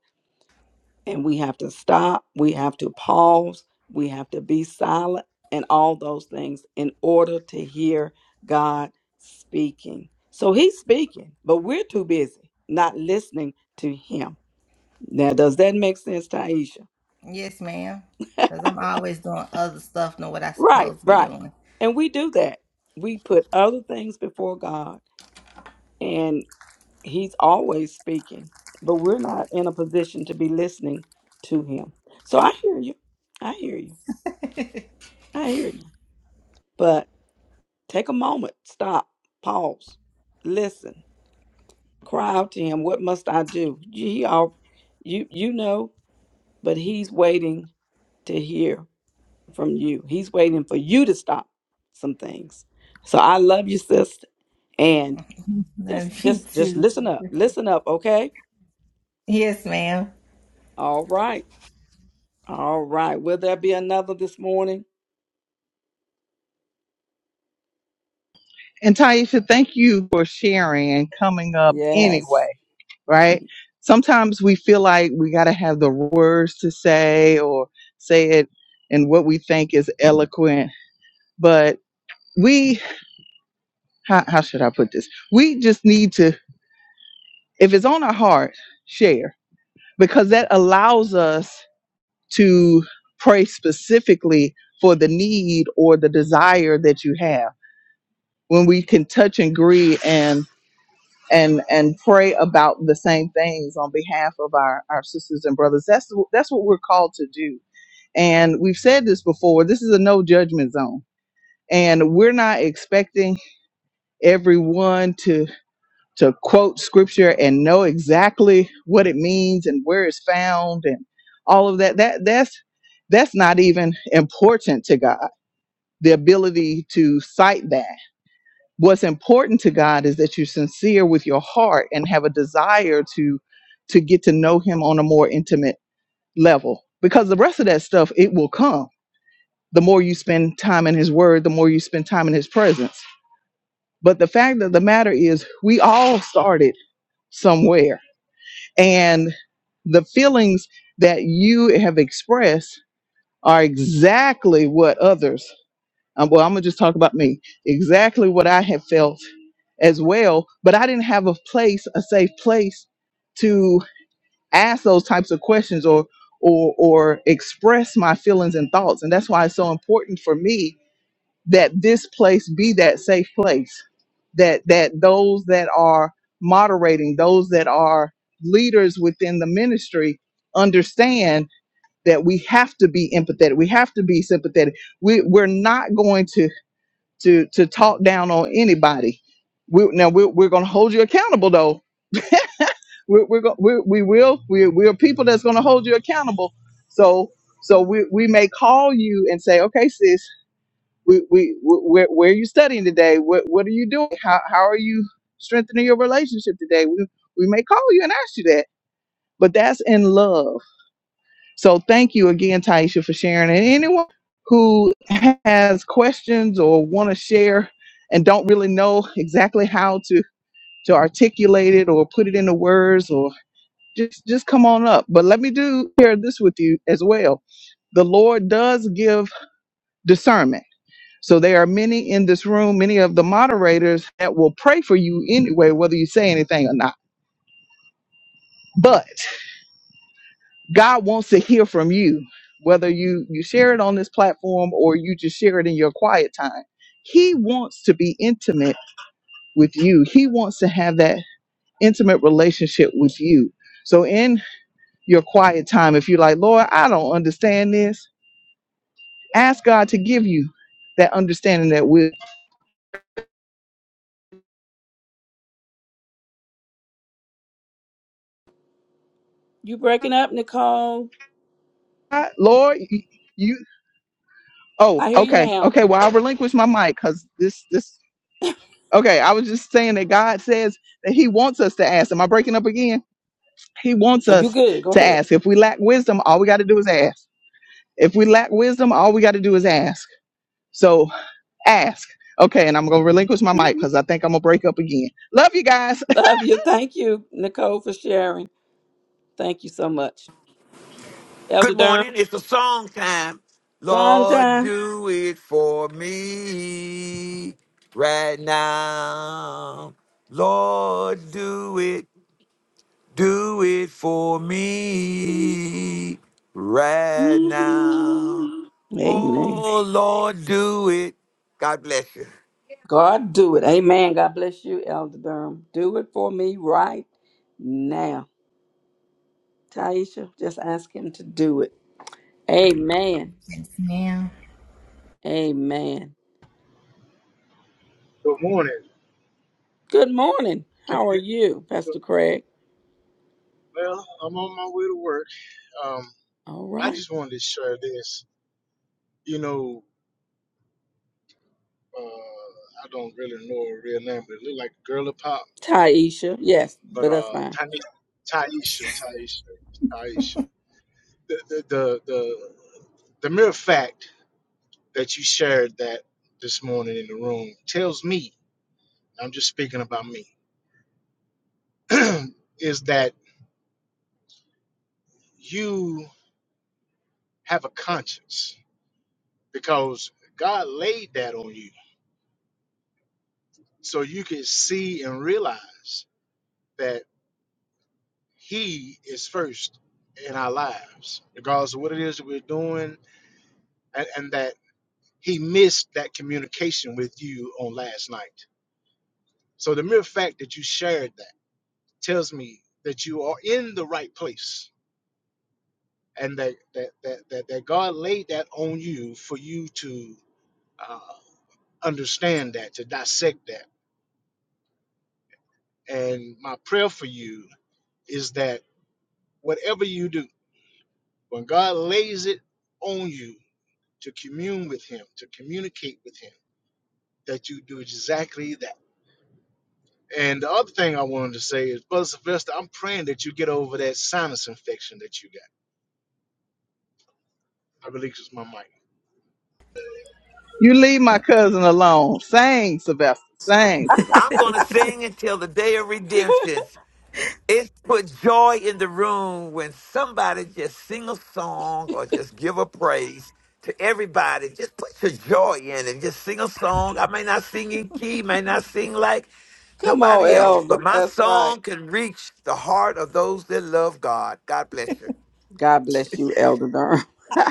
[SPEAKER 1] and we have to stop, we have to pause, we have to be silent, and all those things in order to hear God speaking. So He's speaking, but we're too busy not listening to Him. Now, does that make sense, Taisha?
[SPEAKER 13] Yes, ma'am. Cause I'm always doing other stuff than what I
[SPEAKER 1] Right,
[SPEAKER 13] supposed to be
[SPEAKER 1] right.
[SPEAKER 13] doing.
[SPEAKER 1] And we do that. We put other things before God, and He's always speaking, but we're not in a position to be listening to Him. So I hear you. I hear you. I hear you. But take a moment, stop, pause, listen, cry out to Him. What must I do? He all, you, you know, but He's waiting to hear from you. He's waiting for you to stop some things. So I love you, sis. And
[SPEAKER 13] [LAUGHS]
[SPEAKER 1] Just
[SPEAKER 13] Love you
[SPEAKER 1] just just
[SPEAKER 13] too.
[SPEAKER 1] listen up. Listen up, okay?
[SPEAKER 13] Yes, ma'am.
[SPEAKER 1] All right. All right. Will there be another this morning?
[SPEAKER 4] And Taisha, thank you for sharing and coming up
[SPEAKER 1] Yes.
[SPEAKER 4] anyway, right? Sometimes we feel like we got to have the words to say or say it in what we think is eloquent, but we, how, how should I put this? We just need to, if it's on our heart, share because that allows us to pray specifically for the need or the desire that you have when we can touch and agree and and and pray about the same things on behalf of our our sisters and brothers that's that's what we're called to do and we've said this before this is a no judgment zone and we're not expecting everyone to. to quote scripture and know exactly what it means and where it's found and all of that that that's that's not even important to God the ability to cite that what's important to God is that you're sincere with your heart and have a desire to to get to know him on a more intimate level because the rest of that stuff it will come the more you spend time in his word the more you spend time in his presence but the fact of the matter is we all started somewhere And the feelings that you have expressed are exactly what others, um, well, I'm going to just talk about me, exactly what I have felt as well. But I didn't have a place, a safe place to ask those types of questions or or, or express my feelings and thoughts. And that's why it's so important for me that this place be that safe place that that those that are moderating those that are leaders within the ministry understand that we have to be empathetic we have to be sympathetic we we're not going to to to talk down on anybody we, now we're, we're going to hold you accountable though we're, we're, go, we're we will we we're people that's going to hold you accountable so so we, we may call you and say okay sis we, we wh- where, where are you studying today? What what are you doing? How how are you strengthening your relationship today? We we may call you and ask you that, but that's in love. So thank you again, Taisha, for sharing. And anyone who has questions or want to share and don't really know exactly how to to articulate it or put it into words or just just come on up. But let me do share this with you as well. The Lord does give discernment so there are many in this room, many of the moderators that will pray for you anyway, whether you say anything or not. But God wants to hear from you, whether you you share it on this platform or you just share it in your quiet time. He wants to be intimate with you. He wants to have that intimate relationship with you. So in your quiet time, if you're like, Lord, I don't understand this, ask God to give you that understanding that with
[SPEAKER 1] You breaking up, Nicole?
[SPEAKER 4] Lord, you Oh,
[SPEAKER 1] I hear you
[SPEAKER 4] okay.
[SPEAKER 1] now.
[SPEAKER 4] Okay. Well, I'll relinquish my mic because this, this, okay. I was just saying that God says that He wants us to ask. Am I breaking up again? He wants
[SPEAKER 1] Are you
[SPEAKER 4] us
[SPEAKER 1] good? Go
[SPEAKER 4] to
[SPEAKER 1] ahead.
[SPEAKER 4] ask. If we lack wisdom, all we got to do is ask. If we lack wisdom, all we got to do is ask. So ask. Okay. And I'm going to relinquish my
[SPEAKER 1] [LAUGHS]
[SPEAKER 4] mic because I think I'm going to break up again. Love you guys. [LAUGHS]
[SPEAKER 1] Love you. Thank you, Nicole, for sharing. Thank you so much.
[SPEAKER 7] Good
[SPEAKER 1] Elder Durham,
[SPEAKER 7] morning. It's the song time.
[SPEAKER 1] song
[SPEAKER 7] Lord,
[SPEAKER 1] time.
[SPEAKER 7] do it for me right now. Lord, do it Do it for me
[SPEAKER 1] Mm-hmm.
[SPEAKER 7] right now.
[SPEAKER 1] Amen.
[SPEAKER 7] Oh Lord, do it. God bless you.
[SPEAKER 1] God do it. Amen. God bless you, Elder Durham. Do it for me right now. Taisha, just ask him to do it. Amen.
[SPEAKER 13] Yes, ma'am.
[SPEAKER 1] Amen.
[SPEAKER 14] Good morning.
[SPEAKER 1] Good morning.
[SPEAKER 14] Good
[SPEAKER 1] How are you,
[SPEAKER 14] morning.
[SPEAKER 1] Pastor Craig?
[SPEAKER 14] Well, I'm on my way to work. Um,
[SPEAKER 1] All
[SPEAKER 14] I
[SPEAKER 1] right.
[SPEAKER 14] just wanted to share this. You know, uh, I don't really know her real name, but it looked like Girly Pop,
[SPEAKER 1] Taisha. Yes,
[SPEAKER 14] but
[SPEAKER 1] but that's
[SPEAKER 14] uh,
[SPEAKER 1] fine.
[SPEAKER 14] Tanisha, Taisha, Taisha, Taisha. The, the, the, the, the mere fact that you shared that this morning in the room tells me, I'm just speaking about me, [CLEARS THROAT] is that you have a conscience because God laid that on you so you can see and realize that he is first in our lives regardless of what it is that we're doing and, and that he missed that communication with you on last night so the mere fact that you shared that tells me that you are in the right place and that that that, that, that god laid that on you for you to uh, understand that to dissect that and my prayer for you is that whatever you do When God lays it on you to commune with Him, to communicate with Him, that you do exactly that. And the other thing I wanted to say is, Brother Sylvester, I'm praying that you get over that sinus infection that you got. I release my mic.
[SPEAKER 4] You leave my cousin alone. Sang Sylvester. Sang Sylvester.
[SPEAKER 7] I'm going to sing until the day of redemption. It put joy in the room when somebody just sing a song or just give a praise to everybody. Just put your joy in and just sing a song. I may not sing in key, may not sing like
[SPEAKER 1] Come on,
[SPEAKER 7] nobody else,
[SPEAKER 1] Elder.
[SPEAKER 7] but my
[SPEAKER 1] That's right.
[SPEAKER 7] song can reach the heart of those that love God. God bless you.
[SPEAKER 1] God bless you, Elder Durham.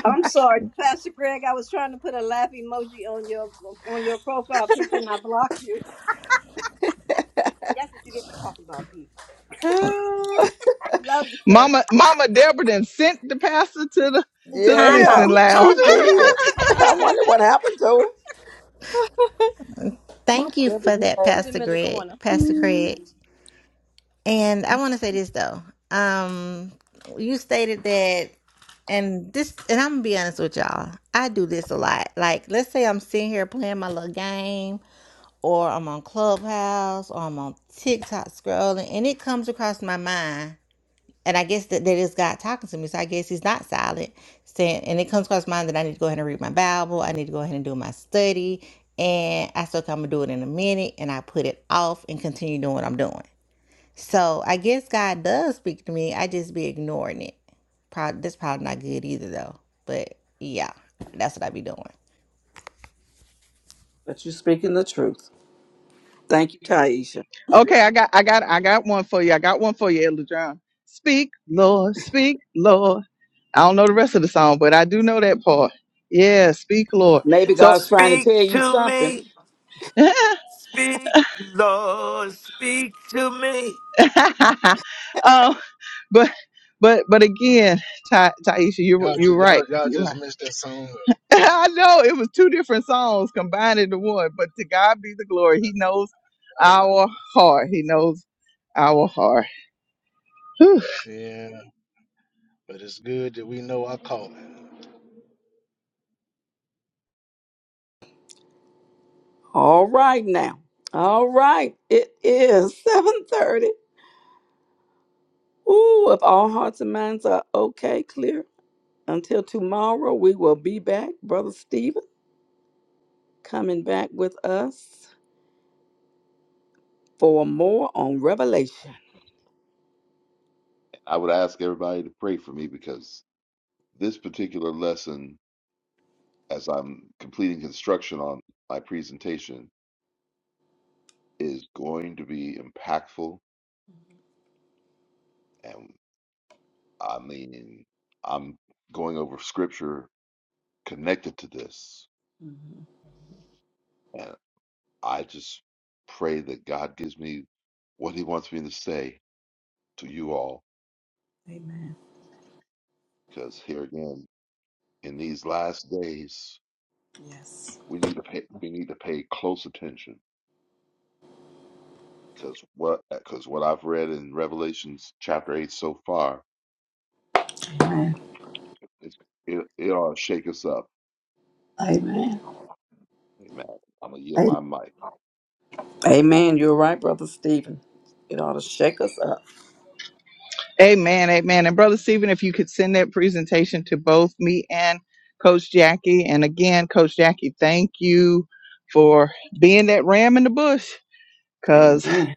[SPEAKER 12] I'm sorry, Pastor Greg. I was trying to put a laugh emoji on your on your profile picture, and I blocked you. That's what you get for talking about people.
[SPEAKER 1] Ah, [LAUGHS]
[SPEAKER 12] Love you, sir.
[SPEAKER 4] Mama, Mama Deborah done sent the pastor to the, to the
[SPEAKER 12] Time
[SPEAKER 1] yeah,
[SPEAKER 4] listening
[SPEAKER 12] out.
[SPEAKER 4] lounge.
[SPEAKER 1] she
[SPEAKER 12] Time out,
[SPEAKER 1] did.
[SPEAKER 12] Pastor.
[SPEAKER 1] [LAUGHS]
[SPEAKER 12] Time
[SPEAKER 1] I
[SPEAKER 12] out.
[SPEAKER 1] wonder
[SPEAKER 4] [LAUGHS]
[SPEAKER 1] what happened to her. Mom,
[SPEAKER 13] Thank you
[SPEAKER 1] remember
[SPEAKER 13] for
[SPEAKER 1] you
[SPEAKER 13] that,
[SPEAKER 12] Put
[SPEAKER 13] Pastor
[SPEAKER 12] him in the
[SPEAKER 13] Greg,
[SPEAKER 12] corner.
[SPEAKER 13] Pastor
[SPEAKER 1] back.
[SPEAKER 13] Craig. And I want to say this though. Um, you stated that, and this, and I'm gonna be honest with y'all. I do this a lot. Like, let's say I'm sitting here playing my little game, or I'm on Clubhouse, or I'm on TikTok scrolling, and it comes across my mind. And I guess that that is God talking to me. So I guess he's not silent. Saying and it comes across my mind that I need to go ahead and read my Bible. I need to go ahead and do my study. And I still come to do it in a minute and I put it off and continue doing what I'm doing. So I guess God does speak to me. I just be ignoring it. Probably that's probably not good either though. But yeah, that's what I be doing.
[SPEAKER 1] But you're speaking the truth. Thank you, Taisha.
[SPEAKER 4] Okay, I got I got I got one for you. I got one for you, Elder John. Speak, Lord, speak, Lord. I don't know the rest of the song, but I do know that part. Yeah, speak, Lord.
[SPEAKER 1] Maybe
[SPEAKER 4] So
[SPEAKER 1] God's trying to
[SPEAKER 7] Speak
[SPEAKER 1] tell you
[SPEAKER 7] to
[SPEAKER 1] something.
[SPEAKER 7] me,
[SPEAKER 4] [LAUGHS]
[SPEAKER 7] speak, Lord, speak to me.
[SPEAKER 4] um but but but again, Ta- Taisha, you're
[SPEAKER 14] Y'all
[SPEAKER 4] you're
[SPEAKER 14] just,
[SPEAKER 4] right.
[SPEAKER 14] y'all, y'all
[SPEAKER 4] You're
[SPEAKER 14] just
[SPEAKER 4] right.
[SPEAKER 14] missed that song. Up.
[SPEAKER 4] [LAUGHS] I know it was two different songs combined into one, but to God be the glory. He knows our heart. He knows our heart.
[SPEAKER 14] Yeah, but it's good that we know our calling.
[SPEAKER 1] All right now. All right. It is [LAUGHS] 7:30. Ooh, if all hearts and minds are okay, clear. Until tomorrow, we will be back. Brother Stephen coming back with us for more on Revelation.
[SPEAKER 9] I would ask everybody to pray for me because this particular lesson, as I'm completing construction on my presentation, is going to be impactful. And I mean, I'm going over scripture connected to this.
[SPEAKER 1] Mhm.
[SPEAKER 9] And I just pray that God gives me what He wants me to say to you all.
[SPEAKER 1] Amen.
[SPEAKER 9] Because here again, in these last days,
[SPEAKER 1] Yes.
[SPEAKER 9] we need to pay, we need to pay close attention. Because what because what I've read in Revelations chapter eight so far,
[SPEAKER 1] Amen.
[SPEAKER 9] it's, it it ought to shake us up.
[SPEAKER 1] Amen.
[SPEAKER 9] Amen. I'm gonna yield my
[SPEAKER 1] Amen.
[SPEAKER 9] mic.
[SPEAKER 1] Amen. You're right, Brother Stephen. It ought to shake us up.
[SPEAKER 4] Amen, amen. And Brother Stephen, if you could send that presentation to both me and Coach Jackie. And again, Coach Jackie, thank you for being that ram in the bush. Cause
[SPEAKER 1] Amen.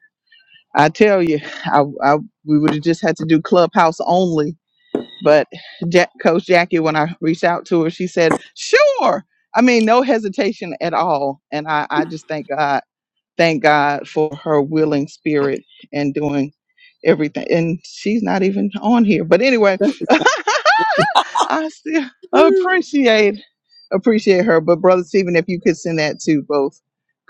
[SPEAKER 4] I tell you, I, I we would have just had to do clubhouse only. But ja- Coach Jackie, when I reached out to her, she said, "Sure." I mean, no hesitation at all. And I, I just thank God thank God for her willing spirit and doing everything. And she's not even on here. But anyway,
[SPEAKER 1] This is
[SPEAKER 4] [LAUGHS] I still
[SPEAKER 1] Mm.
[SPEAKER 4] appreciate appreciate her. But brother Stephen, if you could send that to both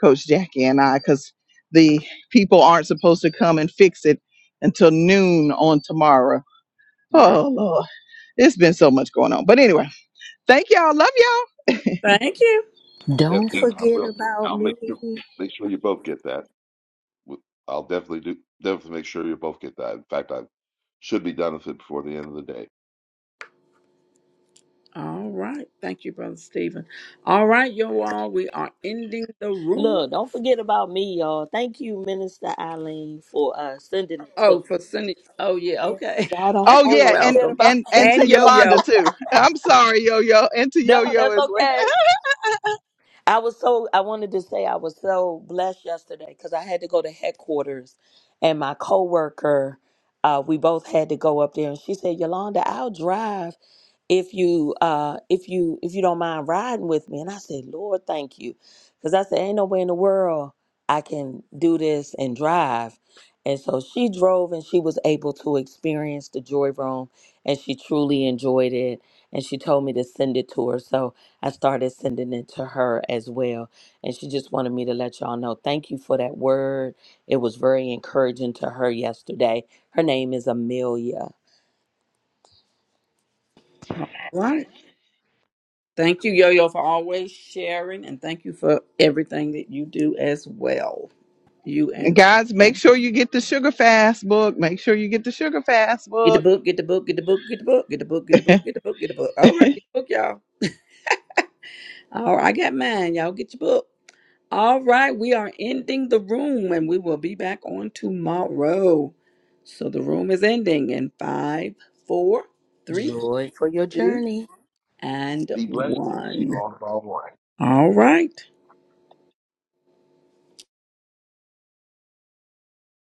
[SPEAKER 4] Coach Jackie and I, because the people aren't supposed to come and fix it until noon on tomorrow.
[SPEAKER 1] Right.
[SPEAKER 4] Oh Lord, it's been so much going on. But anyway, thank y'all. Love y'all. [LAUGHS]
[SPEAKER 1] Thank you.
[SPEAKER 9] Yep,
[SPEAKER 6] Don't
[SPEAKER 9] I
[SPEAKER 6] forget
[SPEAKER 9] will.
[SPEAKER 6] about
[SPEAKER 9] I'll make
[SPEAKER 6] me.
[SPEAKER 9] sure make sure you both get that. W- I'll definitely do definitely make sure you both get that. In fact, I should be done with it before the end of the day.
[SPEAKER 1] All right. Thank you, Brother Stephen. All right, you all. We are ending the room.
[SPEAKER 6] Look, don't forget about me, y'all. Thank you, Minister Eileen, for uh, sending it to
[SPEAKER 1] Oh, for
[SPEAKER 6] me.
[SPEAKER 1] sending. Oh, yeah.
[SPEAKER 6] Yeah,
[SPEAKER 1] Okay.
[SPEAKER 6] y'all don't
[SPEAKER 1] [LAUGHS]
[SPEAKER 4] Oh
[SPEAKER 6] y'all
[SPEAKER 1] You're
[SPEAKER 4] yeah,
[SPEAKER 6] don't
[SPEAKER 4] and
[SPEAKER 6] forget
[SPEAKER 1] welcome.
[SPEAKER 6] about
[SPEAKER 4] and
[SPEAKER 6] [LAUGHS]
[SPEAKER 4] and to
[SPEAKER 1] And Yo
[SPEAKER 4] Yolanda
[SPEAKER 1] Yo.
[SPEAKER 4] too. [LAUGHS] I'm sorry, Yo Yo, and to Yo
[SPEAKER 6] No,
[SPEAKER 4] Yo
[SPEAKER 6] that's
[SPEAKER 4] as well.
[SPEAKER 6] okay.
[SPEAKER 4] [LAUGHS]
[SPEAKER 6] I was so I wanted to say I was so blessed yesterday because I had to go to headquarters, and my coworker, uh, we both had to go up there, and she said, "Yolanda, I'll drive if you uh if you if you don't mind riding with me." And I said, "Lord, thank you," because I said, "Ain't no way in the world I can do this and drive." And so she drove, and she was able to experience the joy room, and she truly enjoyed it. And she told me to send it to her, so. I started sending it to her as well. And she just wanted me to let y'all know thank you for that word. It was very encouraging to her yesterday. Her name is Amelia.
[SPEAKER 1] All right. Thank you, Yo Yo, for always sharing. And thank you for everything that you do as well. You
[SPEAKER 4] And
[SPEAKER 1] and
[SPEAKER 4] guys, make sure you get the Sugar Fast book. Make sure you get the Sugar Fast
[SPEAKER 1] Get the
[SPEAKER 4] book.
[SPEAKER 1] book, get the book, get the book, get the book, get the book, get the book, get the book, get the book. All
[SPEAKER 4] [LAUGHS]
[SPEAKER 1] right, get the book, y'all. All right, I got mine. Y'all get your book. All right, we are ending the room and we will be back on tomorrow. So the room is ending in five, four, three,
[SPEAKER 6] Joy for your
[SPEAKER 1] two,
[SPEAKER 6] journey.
[SPEAKER 1] and
[SPEAKER 9] Be blessed. We'll see you
[SPEAKER 1] one.
[SPEAKER 9] all tomorrow morning.
[SPEAKER 1] All right.